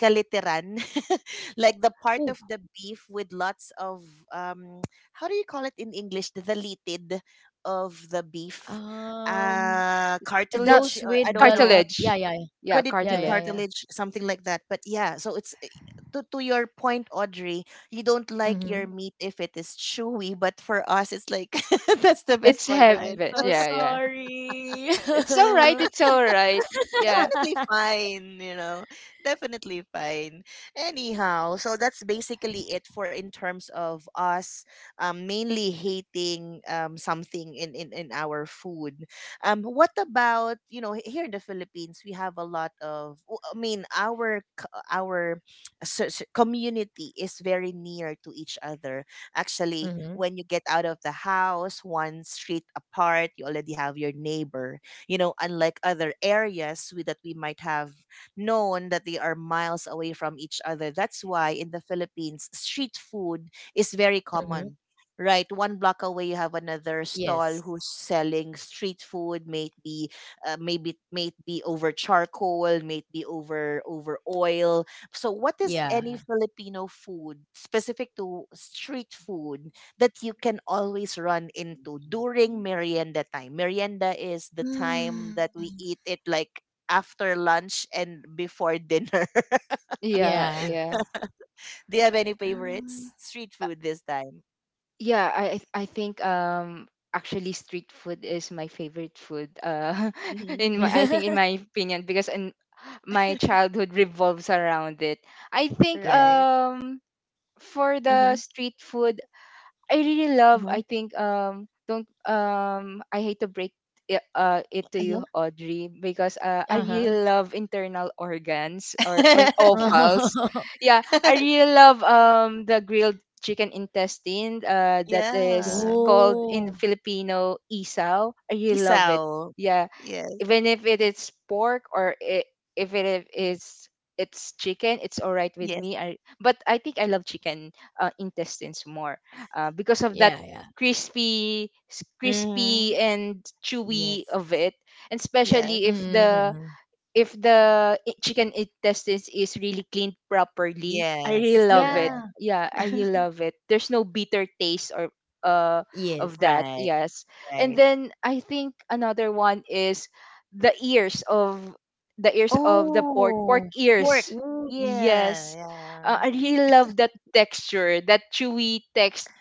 A: kaliteran, like the part of
C: ooh,
A: the beef with lots of, um how do you call it in English? The litid of the beef,
C: um,
B: And not
A: cartilage,
C: those
A: or
C: with
A: I don't
C: the
A: know,
C: lot,
B: cartilage.
C: yeah, yeah,
B: Yeah,
A: could it be
C: yeah, yeah,
B: cartilage.
C: yeah, yeah.
A: cartilage, something like that? But yeah, so to your point, Audrey, you don't like your
C: Mm-hmm.
A: meat if it is chewy, but for us it's like, that's the best
B: It's
A: part of
C: I'm
A: it.
B: heaven.
C: so
B: Yeah, yeah.
C: sorry.
B: It's all right, it's all right. Yeah.
A: Definitely fine. Definitely fine. Anyhow, so that's basically it, for in terms of us mainly hating something in our food. What about here in the Philippines? We have a lot of, w- I mean, our so community is very near to each other. Actually,
C: Mm-hmm,
A: when you get out of the house, one street apart, you already have your neighbor. Unlike other areas, that we might have known, that they are miles away from each other. That's why in the Philippines, street food is very common, right? One block away, you have another stall
C: yes.
A: who's selling street food, maybe maybe may be over charcoal, may be over oil. So what is any
C: Yeah.
A: Filipino food specific to street food that you can always run into during merienda time? Merienda is the time that
C: Mm.
A: we eat, it like after lunch and before dinner.
B: Yeah.
C: Yeah.
B: Yeah.
A: Do you have any favorites,
C: Um.
A: street food, this time?
B: Yeah. I think actually street food is my favorite food.
A: Hmm.
B: I think, in my opinion, because in my childhood revolves around it. I think
C: Yeah.
A: Right.
B: for
A: Mm-hmm.
B: the street food I really love.
A: Mm-hmm.
B: I think don't. I hate to break it to
A: Uh-huh.
B: you, Audrey, because I
C: Uh-huh.
B: really love internal organs or offals. Yeah, I really love the grilled chicken intestine that is
A: Yeah.
B: called in
C: Oh.
B: Filipino isaw. I really love it.
A: Isaw.
B: Yeah,
A: Yes.
B: even if it is pork or I if it is it's chicken, it's all right with
A: Yes.
B: me. But I think I love chicken, intestines more, because of that
C: Yeah, yeah.
A: Mm-hmm.
B: crispy and chewy
C: Yes.
B: of it. And
A: Yes.
B: especially if
C: Mm, mm,
B: the,
C: mm.
B: chicken intestines is really cleaned properly, I really
A: Yes.
B: love it.
A: Correct.
C: Yeah.
B: Yeah, I really love it. There's no bitter taste or uh
C: Yes.
B: of that.
A: Right.
B: Yes. And
A: Right.
B: then I think another one is the ears of the ears of the pork
A: Oh, pork.
B: ears.
C: Ooh.
A: Yeah.
B: Yes.
A: Yeah.
B: I really love that texture, that chewy texture,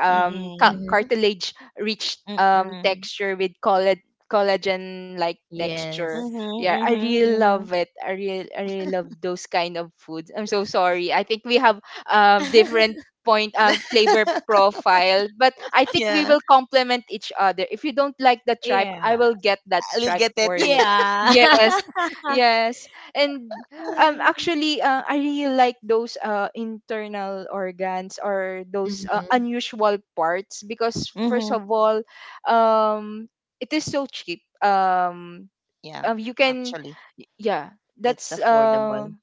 A: Mm-mm.
C: Mm-hmm.
B: cartilage rich
A: Mm.
B: texture with collagen like texture.
C: Yes.
A: Mhm,
B: Yeah, I
A: mhm,
B: really
A: mhm.
B: love it. I really love those kind of foods. I'm so sorry. I think we have different point flavor profile, but I think we
A: Yeah,
B: will complement each other. If you don't like the tripe, I
C: Yeah.
B: will get that
A: I'll
B: tripe
A: get it.
B: for you.
C: Yeah.
B: Yes, yes. And
C: Yay.
B: actually, I really like those internal organs, or those
C: Mm-hmm.
B: unusual parts, because first
A: Mhm.
B: of all, um it is so cheap.
A: Yeah,
B: You can.
A: actually,
B: Yeah,
A: it's
B: that's
A: affordable.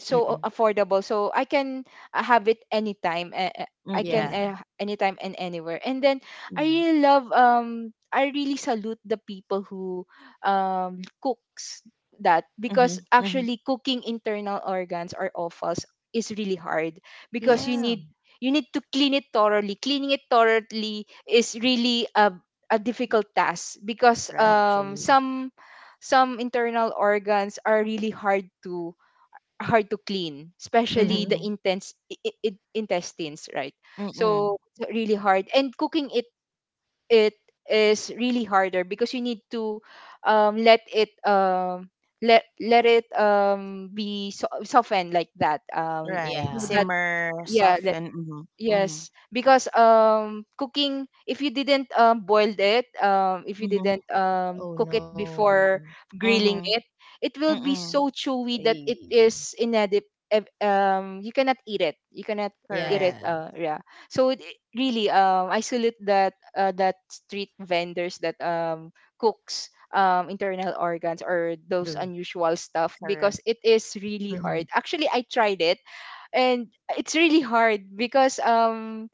B: so
A: Mm-mm.
B: affordable, so I can, have it anytime, I can,
A: Mm.
C: Yeah.
B: anytime and anywhere, and then
A: Yeah.
B: I really salute the people who cooks that,
A: Mhm,
B: because
A: mhm.
B: actually cooking internal organs or offals is really hard, because
A: Yes,
C: Yeah,
B: you need to clean it thoroughly. Cleaning it thoroughly is really a difficult task, because
A: right.
C: actually.
B: some internal organs are really hard to clean, especially the
C: Mm-hmm.
A: Mhm,
B: intense I- intestines, right?
A: mm.
B: So it's really hard, and cooking it it is really harder, because you need to let it, let it be softened like that,
A: Right.
B: so
C: Yeah.
B: that.
A: Simmer,
B: Yeah.
A: soften. Mm-hmm. Mm-hmm.
B: Yes, because cooking if you didn't boiled it, if you didn't
C: Oh
B: cook it
C: no.
B: before grilling
A: Mhm,
B: it, it will
A: mhm,
B: be so
A: mm.
B: chewy that it
C: Eh.
B: is inedib you cannot eat it. You cannot
C: Yeah,
B: eat it.
A: Correct,
C: yeah.
B: Yeah. So it really. I salute that, that street vendors that cooks internal organs
C: True.
B: or those unusual stuff,
A: correct.
B: because it is
C: Mm-hmm.
B: really hard. Actually, I tried it, and it's really hard, because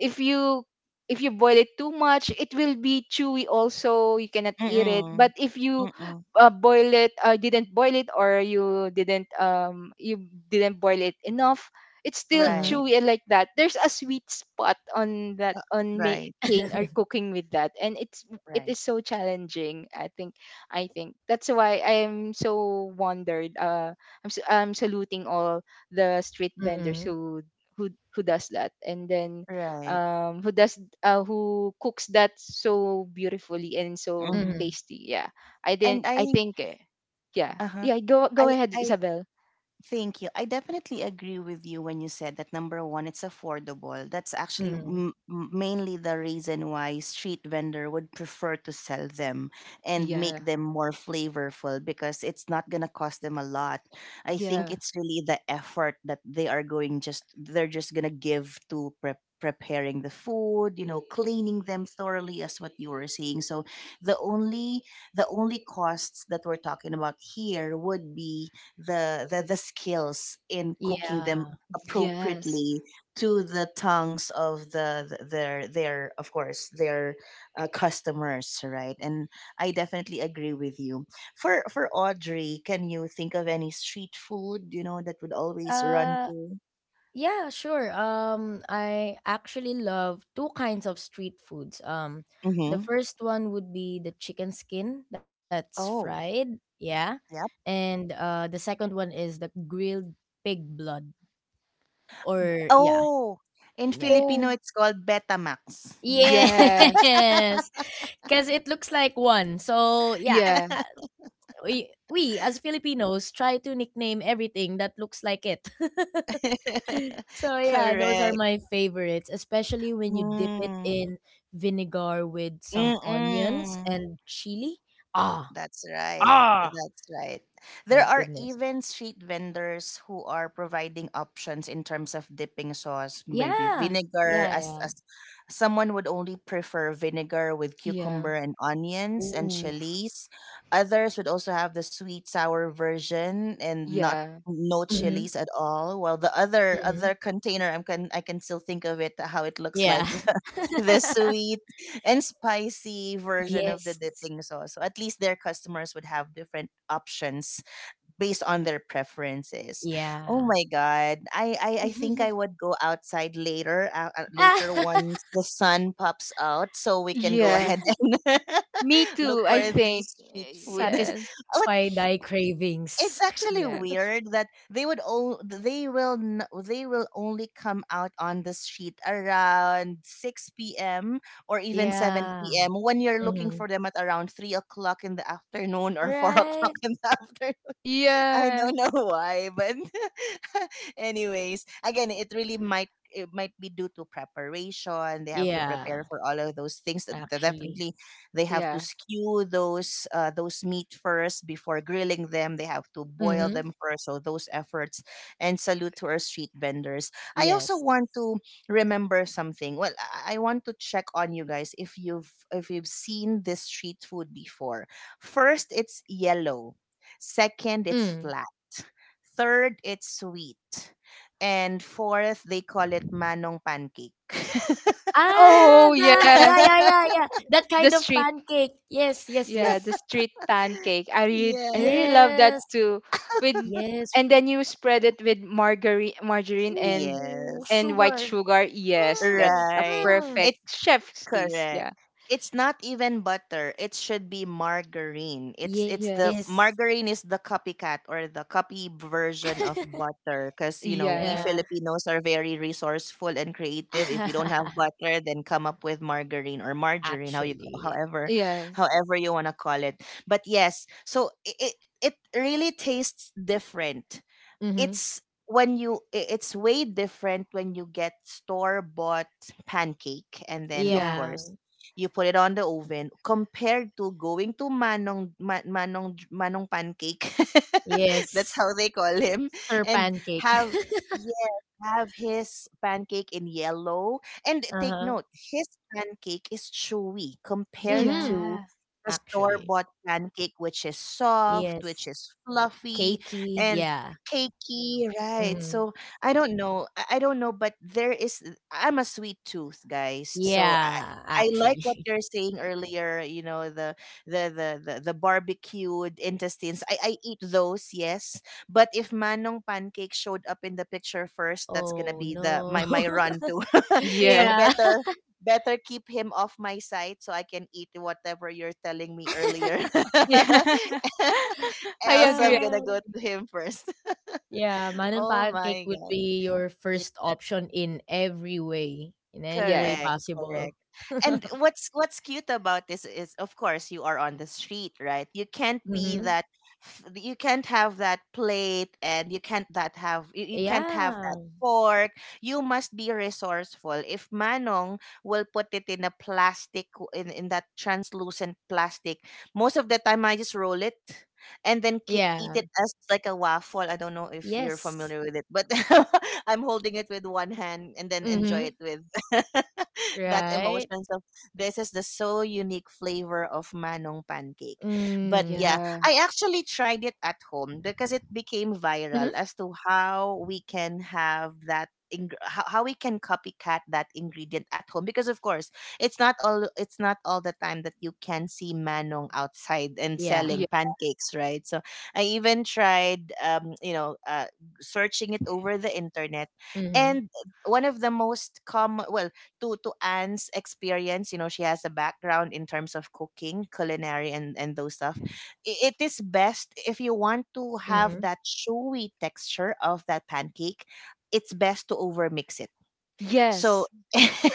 B: if you if you boil it too much, it will be chewy also, you cannot eat it. But
A: Mm.
B: if you,
A: Mm.
B: boil it didn't boil it, or you didn't boil it enough, it's still
C: Mhm.
A: Right,
B: chewy and like that. There's a sweet spot on that,
A: uh,
B: on
A: right,
B: making or cooking with that, and it
A: right,
B: is so challenging, I think. I think that's why I'm so wondered. I'm saluting all the street vendors
C: Mhm.
B: who does that, and then
A: right.
B: who does who cooks that so beautifully and so
A: Mhm.
C: Mhm.
B: tasty. Yeah. i didn't
A: And I,
B: i think eh, Yeah,
A: uh huh.
B: yeah.
A: I,
B: Go ahead,
A: I
B: Isabel.
A: Thank you. I definitely agree with you when you said that number one, it's affordable. That's actually
C: Mhm.
A: mainly the reason why street vendor would prefer to sell them and
B: Yeah,
A: make them more flavorful, because it's not gonna cost them a lot. I think
B: yeah.
A: it's really the effort that they're just gonna give to preparing the food, cleaning them thoroughly, as what you were saying, so the only the only costs that we're talking about here would be the skills in
B: y-
A: cooking them
C: Yeah.
B: yes.
A: appropriately to the tongues of their of course, their customers, right. And I definitely agree with you. For Audrey, can you think of any street food that would always run
C: Uh,
A: to?
C: yeah, sure. I actually love two kinds of street foods. The
A: Mm-hmm.
C: first one would be the chicken skin that's
A: Oh,
C: fried. Yeah.
A: yep.
C: And the second one is the grilled pig blood. Or, yeah.
A: Oh, in
C: Yeah, yeah.
A: Filipino
B: Oh,
A: it's called betamax.
B: yes.
C: Yes. Because it looks like one. So, yeah,
B: Yeah,
C: we as Filipinos try to nickname everything that looks like it. So yeah, those are
A: Correct.
C: my favorites, especially when you dip it
A: Mm.
C: in vinegar with some onions
A: Mm-mm.
C: and chili. Ah,
A: That's right.
C: ah,
A: That's right. There
C: my
A: are
C: goodness.
A: even street vendors who are providing options in terms of dipping sauce, maybe
C: Yeah,
A: vinegar, as
C: yeah,
A: as
C: yeah.
A: someone would only prefer vinegar with
B: yeah,
A: cucumber and onions and
C: Ooh.
A: chilies. Others would also have the sweet sour version and not
B: yeah,
A: no
C: Hmm
A: chilies at all. While the other
C: hmm
A: other container I can still think of it how it looks like
C: Yeah.
A: the sweet and spicy version of the
C: Yes.
A: dipping sauce. So at least their customers would have different options based on their preferences. Oh
C: Yeah.
A: my god. I think I would go outside later later once the sun pops out so we can go
B: yeah.
A: ahead and
B: Me
A: look
B: too,
A: for
B: I
A: the
B: think.
A: street food.
B: Yes,
A: What?
C: Satisfy thy
A: It's
C: cravings.
A: actually
B: yes.
A: weird that they would all they will n- they will only come out on the street around 6 p.m. or even 7 p.m.
C: Yeah.
A: when you're looking for them at
C: Mhm.
A: around 3 o'clock in the afternoon or 4 o'clock
C: Right?
A: in the afternoon. I
B: Yeah,
A: don't know why, but anyways, again, it might be due to preparation. They have to prepare for
C: Yeah.
A: all of those things. Definitely,
C: Actually,
A: they have to
B: yeah.
A: skew those meat first before grilling them. They have to
C: Mhm.
A: boil them first. So those efforts and salute to our street vendors. I also
C: yes.
A: want to remember something. Well, I want to check on you guys if you've seen this street food before. First, it's yellow. Second,
C: Mm.
A: it's flat. Third, it's sweet. And fourth, they call it manong pancake.
C: Ah,
B: Oh
C: the
B: yeah.
C: yeah, yeah, yeah, yeah. That
B: the
C: kind of
B: street
C: pancake. Yes, yes,
B: Yeah, the
C: yes.
B: street pancake. I really
A: Yes.
C: Yes,
B: love that too. With
C: yes.
B: And then you spread it with margarine and
C: Ooh,
A: Yes.
B: white
C: sugar.
B: sugar. Yes, that's
C: Mm,
B: a
A: Right.
C: mm.
B: perfect
A: It's
B: chef's kiss. Yeah.
A: Correct. It's not even butter. It should be margarine. It's the
C: Yes.
B: Yes.
A: margarine is the copycat or the copy version of butter because we
B: Yeah.
C: Yeah.
A: Filipinos are very resourceful and creative. If you don't have butter, then come up with margarine or margarine, how you ca-
C: Actually.
B: Ye-
A: however
B: Yes.
A: however you want to call it. But yes, so it really tastes different.
C: Mhm.
A: It's way different when you get store bought pancake and then of
B: Yeah.
A: course
C: Yeah.
A: you put it on the oven compared to going to manong Ma- manong manong pancake,
C: Yes.
A: that's how they call him,
C: Sir
A: and
C: pancake.
A: have yeah have his pancake in yellow, and take
C: Uh-huh.
A: note, his pancake is chewy compared
C: Mhm.
A: to
B: Yeah.
A: the store
C: Actually.
A: bought pancake, which is
C: Yes.
A: soft, which is fluffy
C: Cakey.
A: and
C: Yeah.
A: cakey, right?
C: hmm
A: So I don't know. I don't know, but there is. I'm a sweet tooth, guys. So I,
C: Yeah,
A: I like
C: actually.
A: what you're saying earlier. You know the barbecued intestines. I eat those, yes. But if manong pancake showed up in the picture first, that's gonna
C: Oh
A: be the
C: no.
A: my my run to. so
B: Yeah.
C: Yeah.
A: better. Better keep him off my side so I can eat whatever you're telling me earlier,
B: Yeah. I
A: else
C: Ah,
A: I'm
B: agree.
A: gonna go to him first.
C: yeah, Manon
A: Oh
C: pancake
A: my
C: would
A: god.
C: be your first option in every way, in any
B: Yeah.
C: way
A: Correct,
C: possible.
A: correct. And what's cute about this is, of course, you are on the street, right? You can't
C: Mm-hmm.
A: be that. You can't have that plate, and you can't have that
C: Yeah.
A: fork. You must be resourceful. If Manong will put it in a plastic in that translucent plastic, most of the time I just roll it. And then
C: Yeah.
A: eat it as like a waffle. I don't know if you're
C: Yes.
A: familiar with it, but I'm holding it with one hand and then
C: Mm-hmm.
A: enjoy it with that
C: Right.
A: emotions of this is the so unique flavor of manong pancake. But
C: Mm.
A: yeah,
B: Yeah.
A: I actually tried it at home because it
C: Mm-hmm.
A: became viral as to how we can copycat that ingredient at home because of course it's not all the time that you can see manong outside and
C: Yeah.
B: Yeah.
A: selling pancakes, right? So I even
C: Mm-hmm.
A: tried searching it over the internet, and one of the most common, well, to Anne's experience, you know she has a background in terms of cooking culinary and those stuff. It is
C: Mm-hmm.
A: best if you want to have that chewy texture of that pancake, it's best to overmix it, so
B: Yes.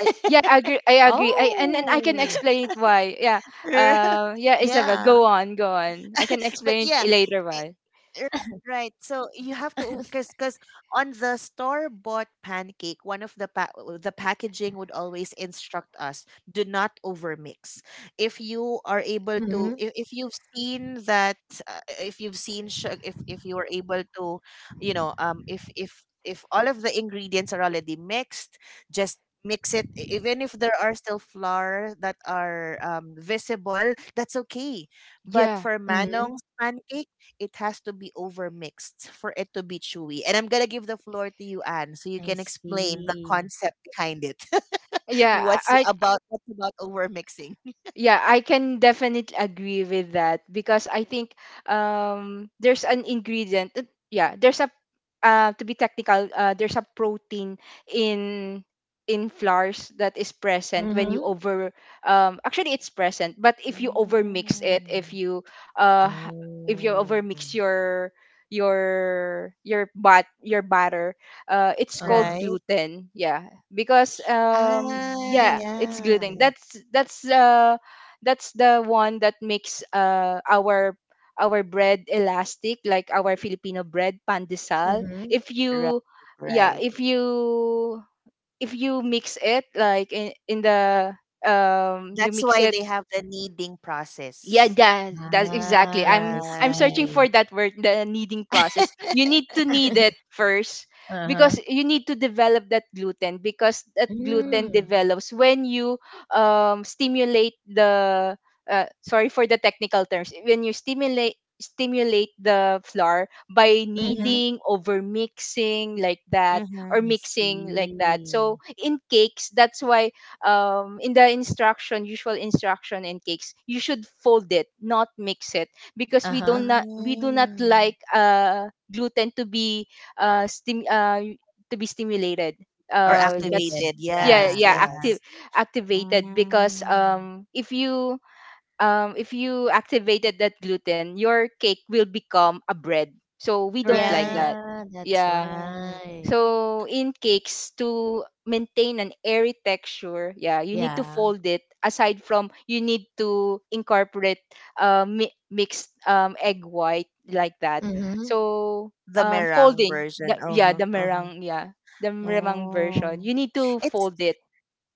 B: Yeah, I agree. I agree. I And I can explain it why. Yeah. Yeah, Isabel,
A: yeah,
B: go on, go on. I can
A: but
B: explain
A: yeah.
B: it later why.
A: Right, right. So you have to, because on the store bought pancake, one of the packaging would always instruct us, do not overmix. If you
C: Mm-hmm.
A: are able to, if you've seen that, if you've seen su- if you are able to, if all of the ingredients are already mixed, just mix it. Even if there are still flour that are visible, that's okay. But
B: Yeah.
A: for
C: Mm-hmm.
A: manong's pancake, it has to be overmixed for it to be chewy. And I'm gonna give the floor to you, Anne,
C: I
A: so you can explain the
C: see.
A: concept behind it.
B: Yeah,
A: what's
B: I
A: about what's about overmixing?
B: Yeah, I can definitely agree with that, because I think there's an ingredient. Yeah, there's a, to be technical, there's a protein in flours that is present when
C: Mhm.
B: you over actually, it's present, but if you overmix it,
A: Mm,
B: uh h- if you
C: Oh.
B: overmix your bat your batter. It's
C: Uh-huh.
B: called
A: right?
B: gluten. Yeah, because
A: Ah,
B: yeah, it's
A: yeah.
C: Ooh.
B: gluten. That's the one that makes our bread elastic, like our Filipino bread pandesal.
C: Mhm.
B: if
A: Right,
B: you yeah
A: right.
B: if you if you mix it like in the. You
A: That's
B: mix
A: why
B: it.
A: they have the kneading
B: Yeah,
A: process.
B: yeah, that's exactly.
C: Ah, I
B: I'm searching
A: Right.
C: see.
B: for that word, the kneading process. You need to knead it first,
C: Uh-huh.
B: because you need to develop that gluten, because that gluten
C: Mm.
B: develops when you stimulate the, sorry for the technical terms, when you stimulate the flour by
C: Mhm.
A: Mm-hmm.
B: kneading, over mixing like that,
A: Mm-hmm.
C: I
B: or mixing like that.
C: see.
B: So in cakes, that's why, in usual instruction in cakes, you should fold it, not mix it, because
C: Uh-huh.
A: Ah.
B: we do not like, gluten to be, uh, stim- uh, to be stimulated.
C: Or
A: Or
C: activated.
B: That's
A: activated.
B: yeah
C: Yeah,
A: Yes,
B: yeah
C: yeah.
B: active
A: yes.
B: activated, because
A: Mm.
B: if you, if you activated that gluten, your cake will become a bread. So we don't like
A: Right.
B: that.
C: Yeah, that's
B: Yeah.
A: Right.
C: why.
B: So in cakes, to maintain an airy texture, yeah, you need to
C: Yeah.
B: fold it. Aside from, you need to incorporate, mixed egg white like that.
C: Mhm.
B: So
A: The meringue
B: folding,
A: version. Uh-huh, uh-huh.
B: yeah, the meringue version.
A: Oh.
B: You need to
A: It's
B: fold it,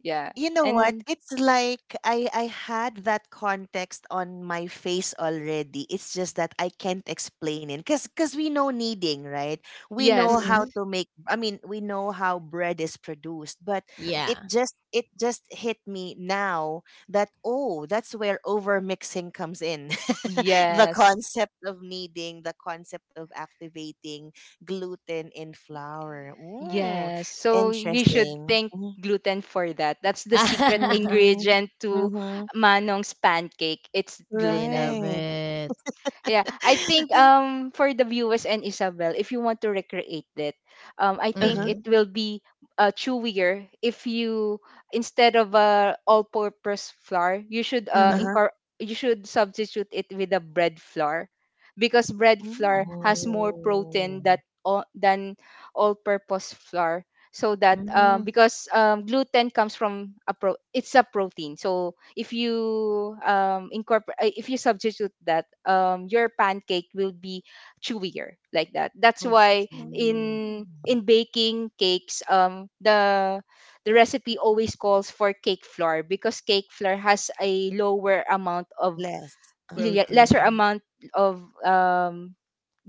B: yeah,
A: You know what?
B: and
A: It's like I had that context on my face already. It's just that I can't explain it, cuz we know kneading, right? We know
B: yes,
A: how
C: Mhm.
A: to make, I mean, we know how bread is produced, but it
C: Yeah.
A: just it just hit me now that oh, that's where over mixing comes in. The
B: yes.
A: concept of kneading, the concept of activating gluten in flour. Mm,
B: Yes, so we should
A: interesting.
B: thank gluten for that. That's the secret
A: Mhm.
B: ingredient to
A: Mhm.
B: Manong's pancake. It's
C: I love
B: gluten.
A: Right.
C: it.
B: Yeah, I think for the viewers and Isabel, if you want to recreate that, I think
A: Uh-huh.
C: Mhm.
B: it will be chewier if you, instead of a all-purpose flour, you should
C: Mhm.
A: Uh-huh.
B: you should substitute it with a bread flour, because bread flour
A: Mm.
B: has more
C: Oh.
B: protein that all than all-purpose flour, so that.
C: Mm.
B: Because gluten comes from a pro it's a protein, so if you incorporate if you substitute that, your pancake will be chewier like that. That's
C: I
B: why
C: see.
A: Mm.
B: in baking cakes, the recipe always calls for cake flour, because cake flour has a lower amount of,
A: Less.
B: lesser
A: Uh-huh.
C: Protein.
B: amount of, um,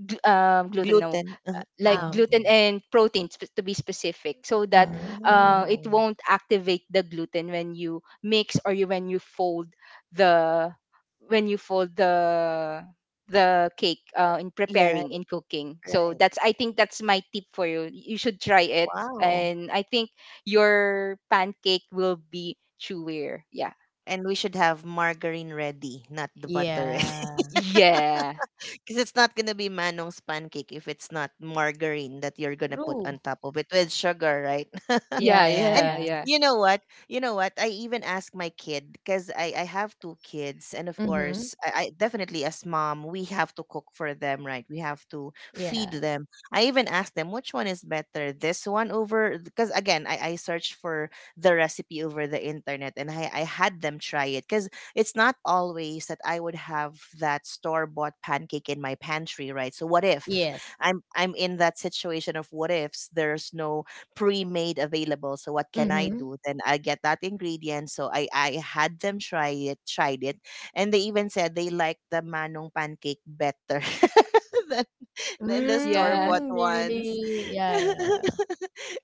B: gl- um, gluten, no,
A: Gluten. Uh-huh.
B: like
C: Ah,
A: Oh.
B: gluten
C: okay.
B: and protein, to be specific, so that,
C: Mm-hmm. Mm-hmm.
A: Ah.
B: it won't activate the gluten when you mix, or when you fold the, when you fold the the cake, in
A: Yeah,
B: preparing, in cooking. So
A: right.
B: that's I think, that's my tip for you, you should try it,
A: Wow.
B: and I think your pancake will be chewier. Yeah.
A: And we should have margarine ready, not the butter.
C: Yeah.
B: Yeah,
A: 'Cause it's not gonna be Manong's pancake if it's not margarine that you're gonna put
C: True.
A: on top of it with sugar, right?
B: yeah,
C: Yeah, yeah,
A: And
B: yeah,
C: yeah.
B: yeah,
A: you know what? You know what? I even asked my kid because I have two kids, and of
C: Mm-hmm.
A: course, I definitely, as mom, we have to cook for them, right? We have to
C: Yeah.
A: feed them. I even asked them which one is better, this one over, because again, I searched for the recipe over the internet, and I had them try it, because it's not always that I would have that store bought pancake in my pantry, right? So what
C: Yes.
A: if I'm in that situation of what ifs? There's no pre-made available. So what can I
C: Mm-hmm.
A: do? Then I get that ingredient. So I had them try it, tried it, and they even said they like the manong pancake better. than
C: Mm,
A: than
C: they
A: the store
B: yeah.
A: bought
C: really, yeah,
A: ones.
C: yeah, yeah.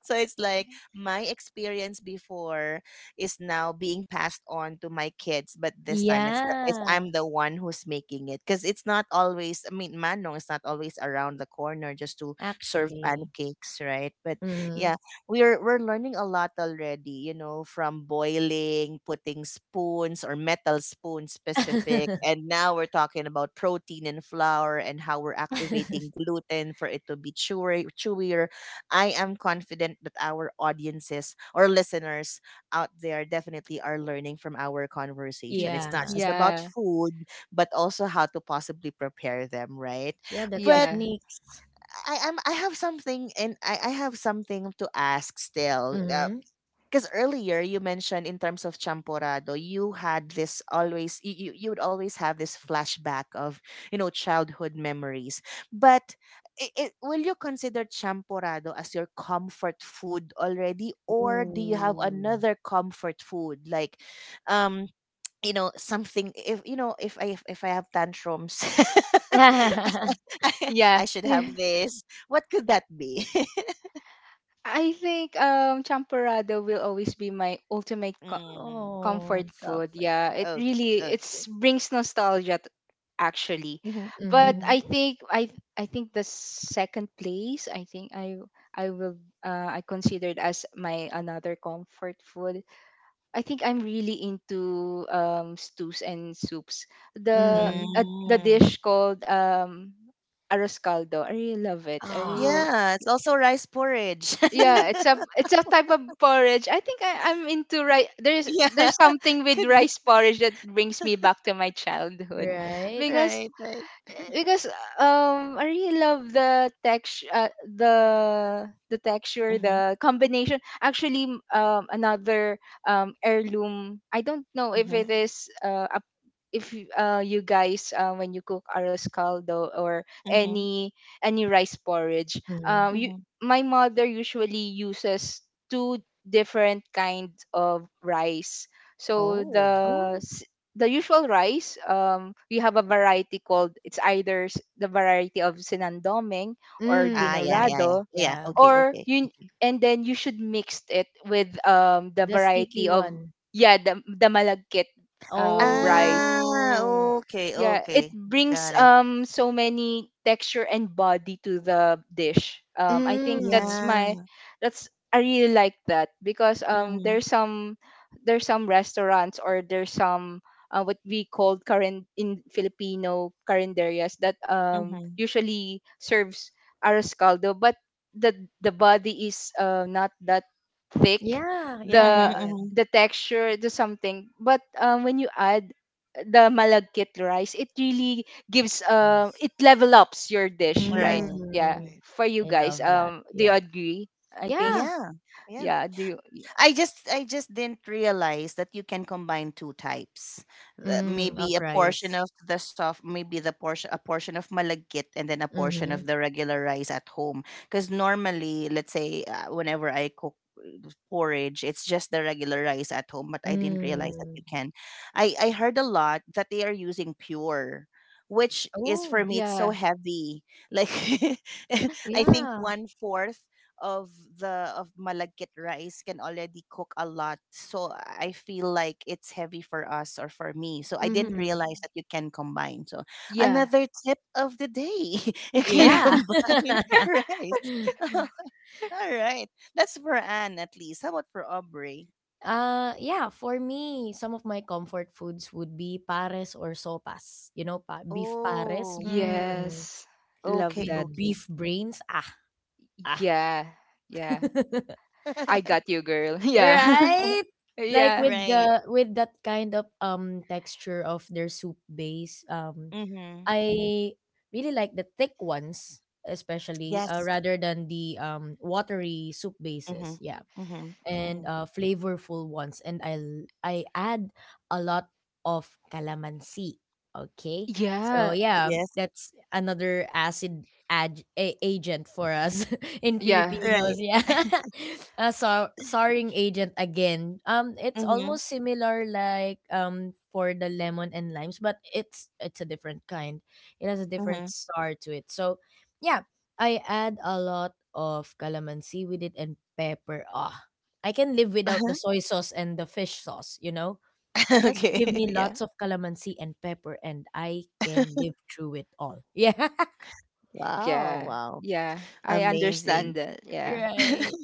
A: So it's like my experience before is now being passed on to my kids, but this time it's, the, it's
C: Yeah,
A: I'm the one who's making it, because it's not always. I mean, Manong is not always around the corner just to
C: actually.
A: serve pancakes, right? But
C: Mm-hmm.
A: yeah, we're learning a lot already, from boiling, putting spoons or metal spoon specific, and now we're talking about protein and flour and how we're activating gluten for it to be chewy, chewier. I am confident that our audiences or listeners out there definitely are learning from our conversation.
B: Y-
A: It's not
C: Yeah.
A: just about
B: yeah,
A: food, but also how to possibly prepare them, right?
C: Yeah, the
A: But
B: yeah.
C: techniques.
A: I have something, and I have something to ask still.
C: Mm-hmm.
A: Because earlier you mentioned in terms of champorado, you had this always, you would always have this flashback of childhood memories. But will you consider champorado as your comfort food already, or do you have
C: Ooh.
A: another comfort food like um something, if you know if I have tantrums?
B: Yeah.
A: I should have
B: Yeah.
A: this. What could that be?
B: I think champorado will always be my ultimate
A: Mm.
B: comfort
C: Oh.
B: food.
A: Comfort.
B: Yeah, it
A: Oh,
B: really
A: okay.
B: it's brings nostalgia. Actually.
A: Hmm.
B: But
C: Mm-hmm.
A: Hmm.
B: I think the second place, I think I will I considered as my another comfort food. I think I'm really into stews and soups.
C: Mm-hmm.
B: The
A: Mm.
B: dish called arroz caldo. I really love it. I
C: Ah.
B: really.
A: Yeah, it's also rice porridge.
B: Yeah,
C: Ooh.
B: it's a type of porridge. I think, I'm into rice. There's
A: Yeah,
B: something with
A: could be.
B: rice porridge that brings me back to my childhood,
C: Right?
B: because
A: Right, right.
B: because I really love the texture, the texture,
A: Mm-hmm.
B: the combination. Actually, another heirloom. I don't know if
A: Mm-hmm.
B: it is. If y- You guys, when you cook arroz caldo or
A: Mm-hmm.
B: any any rice porridge.
C: Mm-hmm.
B: You
A: Mm-hmm.
B: My mother usually uses two different kinds of rice. So
A: Oh.
C: Oh.
B: the usual rice, we have a variety called, it's either, the variety of Sinandoming or
C: Mm,
A: Ah, yeah,
C: mm.
A: yeah, yeah.
B: Dinorado,
A: Yeah,
C: Yeah,
A: okay,
B: or
A: okay,
B: you
A: okay.
B: and then you should mix it with the
C: the sticky
B: variety of,
C: one.
B: yeah, the malagkit rice.
A: Ah,
C: Oh.
A: okay,
B: Yeah, it
A: okay. Got
B: brings
A: it.
B: so many texture and body to the dish. I think
C: Mm.
B: that's my.
A: Yeah.
B: That's I really like that, because
A: Mm-hmm.
B: there's some restaurants, or there's some, what we call current in Filipino carinderias, that
A: Mm-hmm.
B: usually serves arroz caldo, but the the body is, not that thick.
C: Yeah, yeah, yeah,
B: The
A: Mm-hmm.
C: yeah.
A: Mm-hmm.
B: the texture, the something. But when you add the malagkit rice, it really gives, it level ups your dish, right?
A: Right.
B: Yeah.
C: Mm.
A: Right.
B: For you
C: I
B: guys,
C: love that.
B: do you
C: Yeah.
B: agree? I think.
C: Yeah.
A: Yeah. Yeah.
B: Yeah. Do you?
A: I just didn't realize that you can combine two types.
C: Mm,
A: Maybe
C: of
A: a portion
C: rice.
A: of the soft, maybe the portion a portion of malagkit and then a portion
C: Mm-hmm.
A: of the regular rice at home. Because normally, let's say whenever I cook porridge, it's just the regular rice at home. But I didn't realize that you
C: Mm.
A: can. I heard a lot that they are using pure. Which is, for
C: Oh,
A: me, it's so
B: Yeah.
A: heavy. Like, I think
C: yeah.
A: one fourth of the of malagkit rice can already cook a lot. So I feel like it's heavy for us or for me. So I didn't
C: Mm-hmm.
A: realize that you can combine. So
B: Yeah.
A: another tip of the day, you can
B: Yeah.
C: Yeah.
A: combine rice. All right. That's for Anne at least. How about for Aubrey?
C: Yeah, for me, some of my comfort foods would be pares or sopas. You know, beef pares.
A: Oh,
C: Mm.
B: Yes. Love
A: okay,
B: that.
C: With
A: okay.
C: beef brains. Ah, ah.
B: Yeah. Yeah. I got you, girl. Yeah.
C: Right? Like
B: yeah.
C: with
A: Right.
C: the with that kind of texture of their soup base.
A: Mm-hmm.
C: I really like the thick ones, especially
A: Yes.
C: rather than the watery soup
A: Mm-hmm.
C: bases. Yeah.
A: Mm-hmm. Mm-hmm.
C: And flavorful ones. And I add a lot of calamansi. Okay, so
B: Yeah.
C: yeah,
A: Yes.
C: that's another agent for us in
B: Yeah.
C: Filipinos.
A: Right.
C: Yeah, a souring agent again. It's
A: Mm-hmm.
C: almost similar like for the lemon and limes, but it's a different kind. It has a
A: Mm-hmm.
C: different sour to it. So yeah, I add a lot of calamansi with it and pepper. Ah, I can live without the soy sauce and the fish sauce, you know? Just give
A: Okay.
C: me
A: Yeah.
C: lots of calamansi and pepper and I can live through it all. Yeah.
A: Wow.
B: Yeah.
A: Wow.
B: Yeah. I understand
A: Amazing.
B: that. Yeah.
C: Right.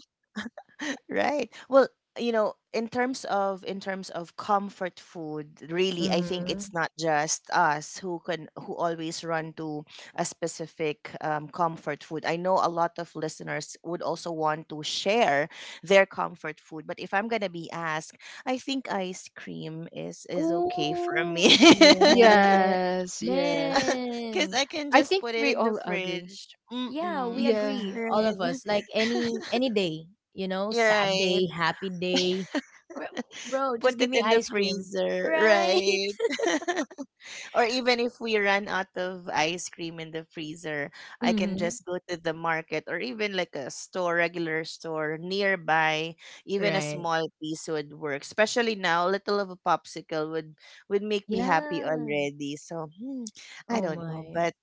A: Right. Well, in terms of comfort food, really, I think
C: Mm-hmm.
A: it's not just us who always run to a specific comfort food. I know a lot of listeners would also want to share their comfort food, but if I'm gonna be asked, I think ice cream is okay for
C: Oh,
A: me.
C: yeah.
B: Yes. Yes.
A: 'Cause
C: Man.
A: I can
B: I
A: just
B: think
A: put it
B: we
A: in
B: all
A: the
B: agree.
A: fridge.
C: Yeah,
A: Mm-mm.
C: we
B: Yeah.
C: agree, all of
A: Right.
C: us. Like any day, you know,
A: You're
C: sad
A: right.
C: day, happy day. Bro, bro, just
A: Put it
C: give me
A: in the
C: ice cream.
A: freezer.
C: Right?
A: Right. Or even if we run out of ice cream in the freezer, I can
C: Mm-hmm.
A: just go to the market or even like a store, regular store nearby. Even a
C: Right.
A: small piece would work. Especially now, a little of a popsicle would make me happy
C: Yeah.
A: already. So I
C: Oh
A: don't know,
C: my.
A: but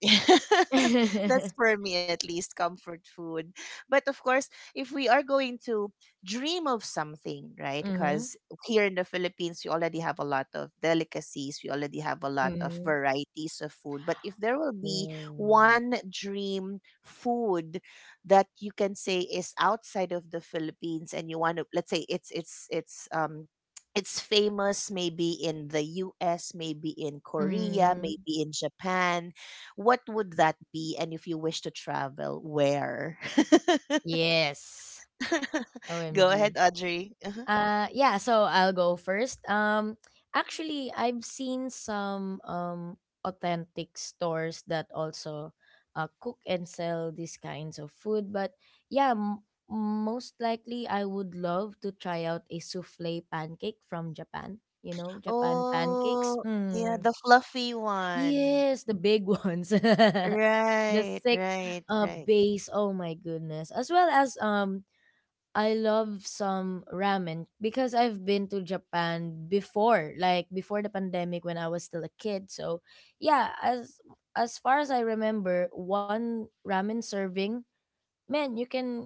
C: Mm-hmm.
A: that's for me at least comfort food. But of course, if we are going to dream of something, right? Because here in the Philippines, we already have a lot of delicacies. We already have a lot of
C: Mhm.
A: varieties of food. But if there will be
C: Mm.
A: one dream food that you can say is outside of the Philippines, and you want to, let's say it's it's famous maybe in the US, maybe in Korea,
C: Mm,
A: maybe in Japan. What would that be? And if you wish to travel, where?
C: yes.
A: Go ahead,
C: OMG.
A: Audrey. Uh-huh.
C: Yeah, so I'll go first. Actually, I've seen some authentic stores that also cook and sell these kinds of food, but yeah, most likely I would love to try out a souffle pancake from Japan. You know, Japan pancakes.
A: Oh, yeah,
C: Mm.
A: the fluffy one.
C: Yes, the big ones. The
A: Right,
C: thick
A: right, right.
C: base. Oh my goodness. As well as I love some ramen because I've been to Japan before, like before the pandemic when I was still a kid. So, yeah, as far as I remember, one ramen serving, man, you can,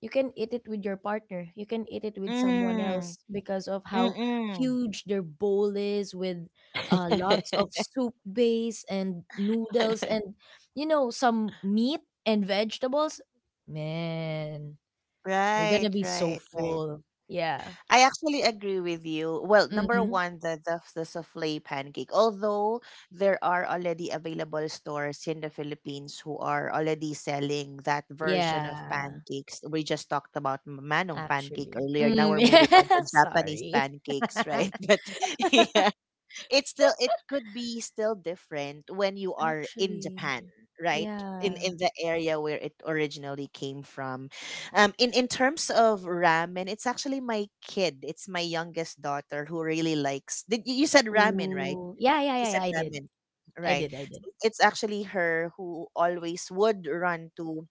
C: you can eat it with your partner, you can eat it with someone
A: Mm,
C: else because of how
A: mm-mm.
C: huge their bowl is with lots of soup base and noodles and, you know, some meat and vegetables, man, you're
A: Right,
C: gonna be so
A: right, right.
C: full, yeah.
A: I actually agree with you. Well, number
C: Mm-hmm.
A: one, the souffle pancake. Although there are already available stores in the Philippines who are already selling that version of
C: Yeah,
A: pancakes. We just talked about manong pancake
C: actually
A: earlier. Now
C: mm,
A: we're moving on
C: yeah,
A: to Japanese
C: sorry,
A: pancakes, right? But yeah, it's still, it could be still different when you are in
C: actually,
A: Japan, right?
C: yeah.
A: In the area where it originally came from. In terms of ramen, it's actually my kid. It's my youngest daughter who really likes. Did you said ramen, right?
C: Ooh. Yeah, yeah,
A: You
C: yeah, yeah,
A: said
C: i did
A: ramen.
C: i
A: Right.
C: did i did
A: It's actually her who always would run to,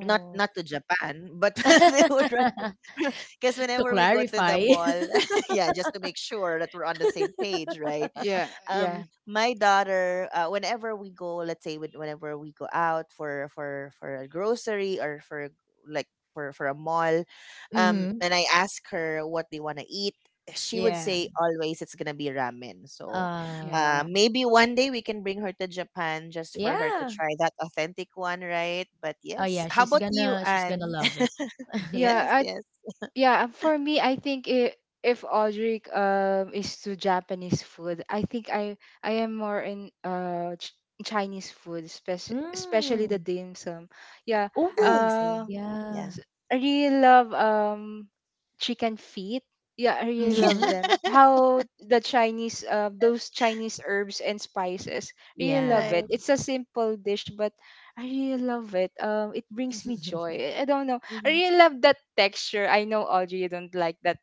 A: not not to Japan, but they would run because
C: To
A: whenever we go to the
C: clarify.
A: mall, yeah, just to make sure that we're on the same page, right?
B: Yeah, yeah,
A: My daughter whenever we go, let's say whenever we go out for a grocery or for like for a mall,
C: Mhm.
A: and I ask her what they want to eat, she would
C: Yeah.
A: say always it's gonna be ramen. So
B: yeah,
C: Uh,
A: maybe one day we can bring her to Japan just for her to
C: yeah.
A: try that authentic one, right? But
C: Oh
A: yes.
C: yeah,
A: How
C: she's
A: about you,
C: gonna she's gonna
A: Anne?
C: love it.
A: Yes,
B: yeah. I
A: yes.
B: yeah. For me, I think I if Audrey is to Japanese food, I think I am more in Ch Chinese food, spec especially the
C: Mm.
B: dim sum. Yeah.
A: Ah, I
C: Oh,
B: Uh,
A: see. Yeah.
C: Yeah.
B: S- I really love chicken feet. Yeah, I really love
C: Mm-hmm.
B: them. How the Chinese those Chinese herbs and spices. Really
A: Yeah,
B: love
C: Yeah.
B: it.
A: right.
B: It's a simple dish but I really love it. It brings me joy. I don't know. I
A: Mhm.
B: really love that texture. I know Audrey you don't like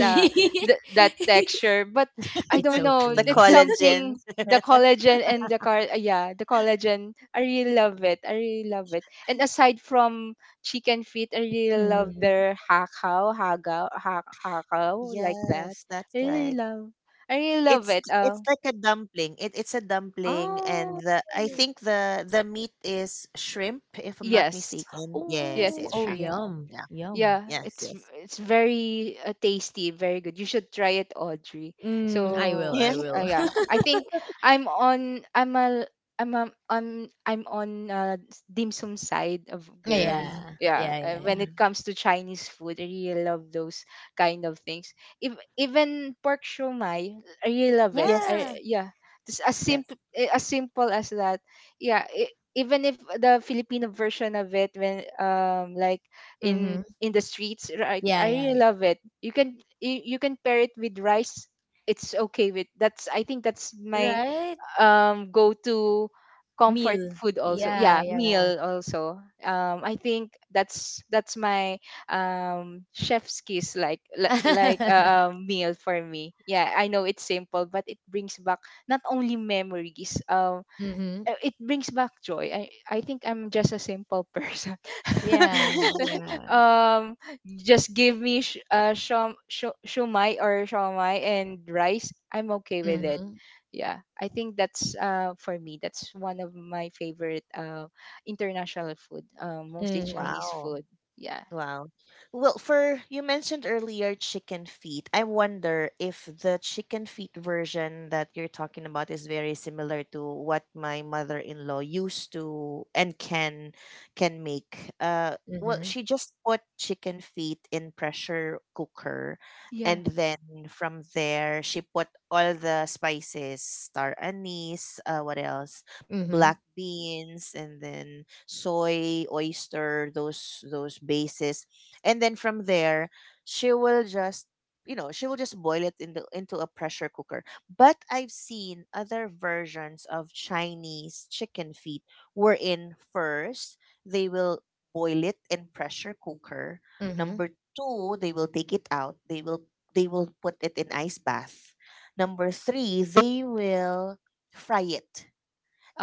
B: uh, that texture but I
C: It's
B: don't know.
A: The
C: okay.
B: That's
A: collagen.
B: something the collagen and the car yeah, the collagen. I really love it. I really love it. And aside from she can fit. I really love
C: Mhm.
B: their hakaw, like that.
A: Yes, that's
B: I really
A: right.
B: love. I really love
A: It's
B: it.
A: it's like a dumpling. It's a dumpling,
C: Oh.
A: and the, I think the meat is shrimp, if I'm not
B: Yes,
A: mistaken.
B: yes,
A: Yes,
C: Oh,
B: it's
A: yes,
C: oh,
B: true.
A: hakao.
C: yum,
A: Yeah,
C: yum.
B: Yeah,
A: yes,
B: it's
A: yes.
B: it's very tasty, very good. You should try it, Audrey.
C: Mm, I will,
B: So
A: Yeah.
C: I will.
B: yeah, I think I'm on I'm a I'm a, I'm I'm on dim sum side of
A: hmm
B: girl.
C: Yeah,
B: Yeah,
C: yeah, yeah, yeah.
B: when it
A: hmm
B: comes to Chinese food, I really love those kind of things. If, Even pork shumai, I really love it.
C: Yeah.
A: Yes,
B: Just as
A: yes.
B: simple as simple as that. Yeah, I even if the Filipino version of it, when like
C: Mm-hmm.
B: in the streets, right?
C: Yeah,
B: I
C: yeah,
B: really
C: yeah.
B: love it. You can pair it with rice. It's okay with That's, I think, that's my
C: Right?
B: go to comfort
C: Meal.
B: food also,
C: Yeah,
B: yeah,
C: yeah.
B: meal also. I think that's my chef's kiss, like, meal for me. Yeah, I know it's simple but it brings back not only memories um
C: Mm-hmm.
B: uh, it brings back joy. I think I'm just a simple person.
C: Yeah, yeah.
B: um, just give me shumai or shomai and rice. I'm okay with it.
C: Mm-hmm.
B: Yeah, I think that's for me. That's one of my favorite international food. Mostly
C: Mm-hmm.
B: Chinese
A: Wow.
B: food. Yeah.
A: Wow. Well, for, you mentioned earlier chicken feet. I wonder if the chicken feet version that you're talking about is very similar to what my mother-in-law used to and can make. Well,
C: Mm-hmm.
A: she just put chicken feet in pressure cooker
B: Yeah.
A: and then from there she put all the spices, star anise, uh, what else? Black
C: Mm-hmm.
A: beans and then soy, oyster, those bases. And then from there, she will just, you know, she will just boil it into a pressure cooker. But I've seen other versions of Chinese chicken feet wherein first they will boil it in pressure cooker.
C: Mm-hmm.
A: Number two, they will take it out. They will put it in ice bath. Number three, they will fry it,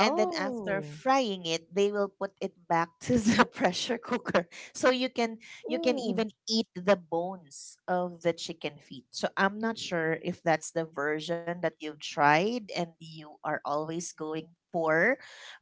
A: and then after frying it they will put it back to the pressure cooker so you can, you can
C: Ooh.
A: even eat the bones of the chicken feet. So I'm not sure if that's the version that you've tried and you are always going for,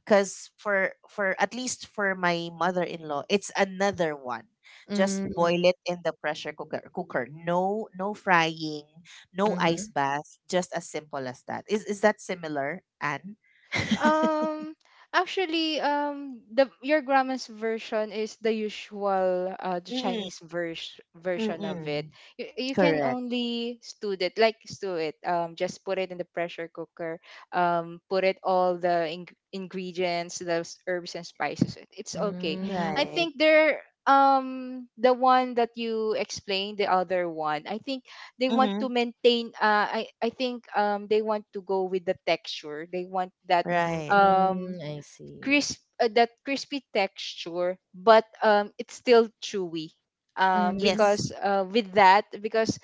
A: because for at least for my mother-in-law, it's another one, just boil
C: Mm-hmm.
A: it in the pressure cooker, no, no frying, no
C: Mm-hmm.
A: ice bath, just as simple as that. Is that similar, Anne?
B: Um, actually, the your grandma's version is the usual, the
A: Mm,
B: Chinese version of it.
A: mm.
B: You, you can
A: Correct.
B: only stew it, like stew it. Just put it in the pressure cooker. Put it all the ingredients, those herbs and spices. It's okay. I
A: Right.
B: think they're The one that you explained, the other one, I think they
A: Mm-hmm.
B: want to maintain I think they want to go with the texture. They want that
A: Right.
C: Mm-hmm.
B: um
C: I see.
B: crisp that crispy texture but it's still chewy
C: Mm-hmm.
B: because
A: Yes.
B: with that because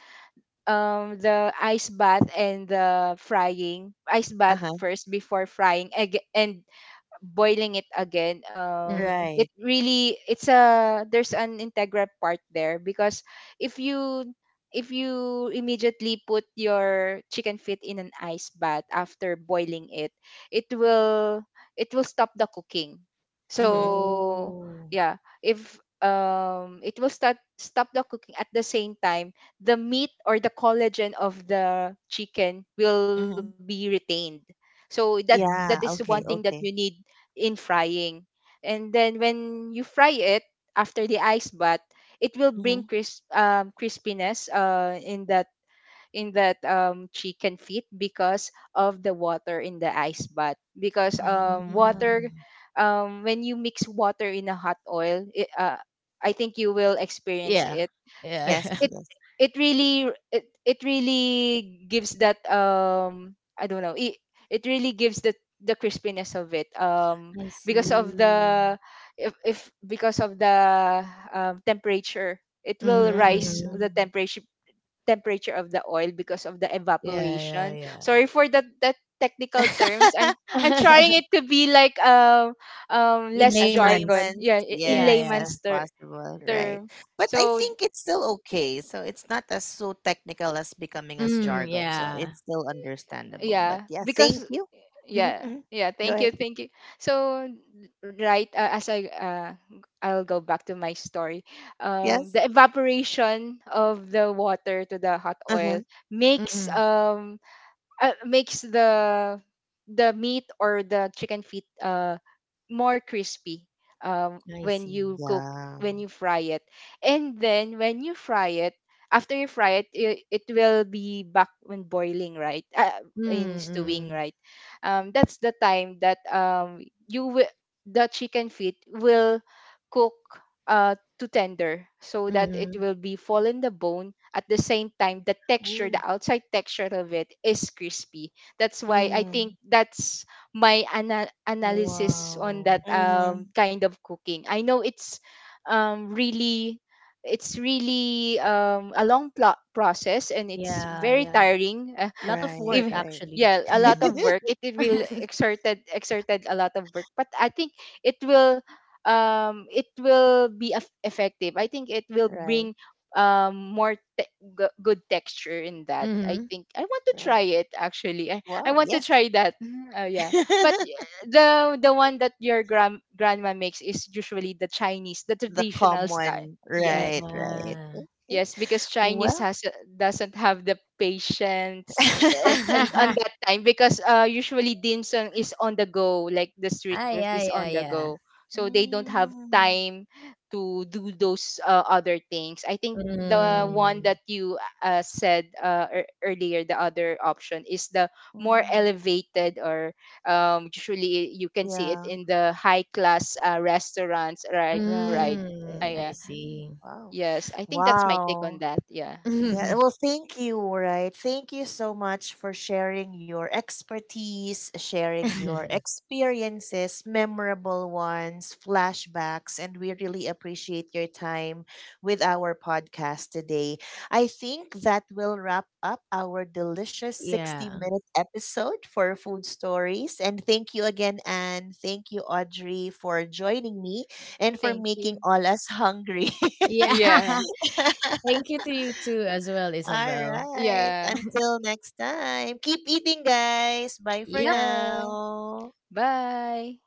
B: the ice bath and the frying ice bath
A: Uh-huh.
B: first before frying ag- and boiling it again.
C: Mm-hmm.
B: It
A: Right.
B: really, it's a, there's an integral part there because if you if you immediately put your chicken feet in an ice bath after boiling it, it will it will stop the cooking.
A: Mm-hmm.
B: so
C: Oh.
B: yeah, if it will start stop the cooking. At the same time, the meat or the collagen of the chicken will be
A: Mm-hmm.
B: retained. So that, that is
A: Yeah.
B: one thing that
A: Okay.
C: Mm-hmm.
B: you
A: Okay.
B: need in frying. And then when you fry it after the ice bath, it will bring
A: Mm-hmm.
B: crispiness in that chicken feet because of the water in the ice bath. Because
C: Ah.
B: water,
A: Mm.
B: when you mix water in a hot oil, I think you will experience
C: Yeah.
B: it.
C: Yeah.
B: it
A: Yes.
B: it
A: Yes.
B: it really, it really gives that, I don't know, it really gives the crispiness of it.
C: I
B: Because of
C: see.
B: the if Because of the temperature, it will
C: Mm-hmm.
B: rise
C: Mm-hmm.
B: the
A: Mm.
B: temperature of the oil because of the
C: Yeah, yeah,
B: evaporation.
C: yeah.
B: Sorry for that technical terms. i'm i'm trying it to be like
C: In
B: less
A: As
C: layman's.
B: jargon,
A: layman,
B: yeah, in
C: Yeah,
A: yes,
C: yeah.
B: layman's
A: as possible. Right.
B: term.
A: But I
B: So
A: think it's still okay. So it's not as so technical as becoming as
C: Mm,
A: jargon. So
C: yeah.
A: it's still understandable. But
B: yeah
A: yeah, thank
B: because
A: you.
B: yeah
A: Mm-hmm.
B: yeah
A: Go
B: thank you,
A: ahead.
B: thank you. so right, as I I'll go back to my story.
A: Yes.
B: The evaporation of the water to the hot oil
A: Uh-huh.
B: makes,
C: Mm-mm.
B: makes the meat or the chicken feet more crispy
C: I
B: when
C: see.
B: you cook,
A: Yeah.
B: when you fry it. And then when you fry it, after you fry it, it will be back when boiling, right? In stewing,
C: Mm-mm.
B: right? That's the time that you will, the chicken feet will cook uh to tender, so that it
C: Mm-hmm.
B: will be fall in the bone. At the same time, the texture, the
C: Ooh,
B: outside texture of it is crispy. That's why I
A: Mm,
B: think that's my analysis on
C: wow.
B: that,
A: mm-hmm.
B: kind of cooking. I know it's really it's really, a long process and it's
C: Yeah,
B: very
C: yeah.
B: tiring.
C: Lot of
A: Right,
C: work
B: if
A: right,
C: actually.
B: yeah a lot
C: Mm.
B: of work. It will exerted a lot of work, but I think it will, it will be effective. I think it will
A: right,
B: bring more good texture in that. I
C: Mm-hmm.
B: think I want to
A: right.
B: try it actually. I
A: Wow,
B: want to
A: yes.
B: try that. Oh yeah, but the one that your grandma makes is usually the Chinese, the
A: The
B: traditional style.
A: common.
B: Yes.
A: Right, right.
C: Yeah.
A: Okay.
B: Yes, because Chinese
A: Well.
B: has doesn't have the patience and on that time because usually dim sum is on the go, like the street
C: Ah,
B: food
C: yeah,
B: is
C: yeah,
B: on the
C: yeah.
B: go. So they don't have
A: Mm,
B: time to do those other things. I think the one
A: mm,
C: Mm.
B: that you said earlier, the other option is the more
A: mm.
B: elevated or usually you can see it
A: Yeah,
B: in the high class restaurants, right?
A: right, right.
B: Right.
C: Mm, I
A: Mm,
C: see.
A: wow.
B: Yes, I think that's my take on
A: Wow.
B: that. Yeah.
A: Yeah, well, thank you, right? Thank you so much for sharing your expertise, sharing your experiences, memorable ones, flashbacks, and we really appreciate your time with our podcast today. I think that will wrap up our delicious 60
C: Yeah.
A: minute episode for Food Stories. And thank you again, Anne. Thank you, Audrey, for joining me and for
B: Thank
A: making
B: you.
A: all us hungry.
C: Yeah.
B: Yeah.
C: Thank you to you too as well,
A: All
C: Isabel.
A: right.
B: Yeah.
A: Until next time, keep eating, guys. Bye for
C: Yep.
B: Yeah.
A: now.
B: Bye.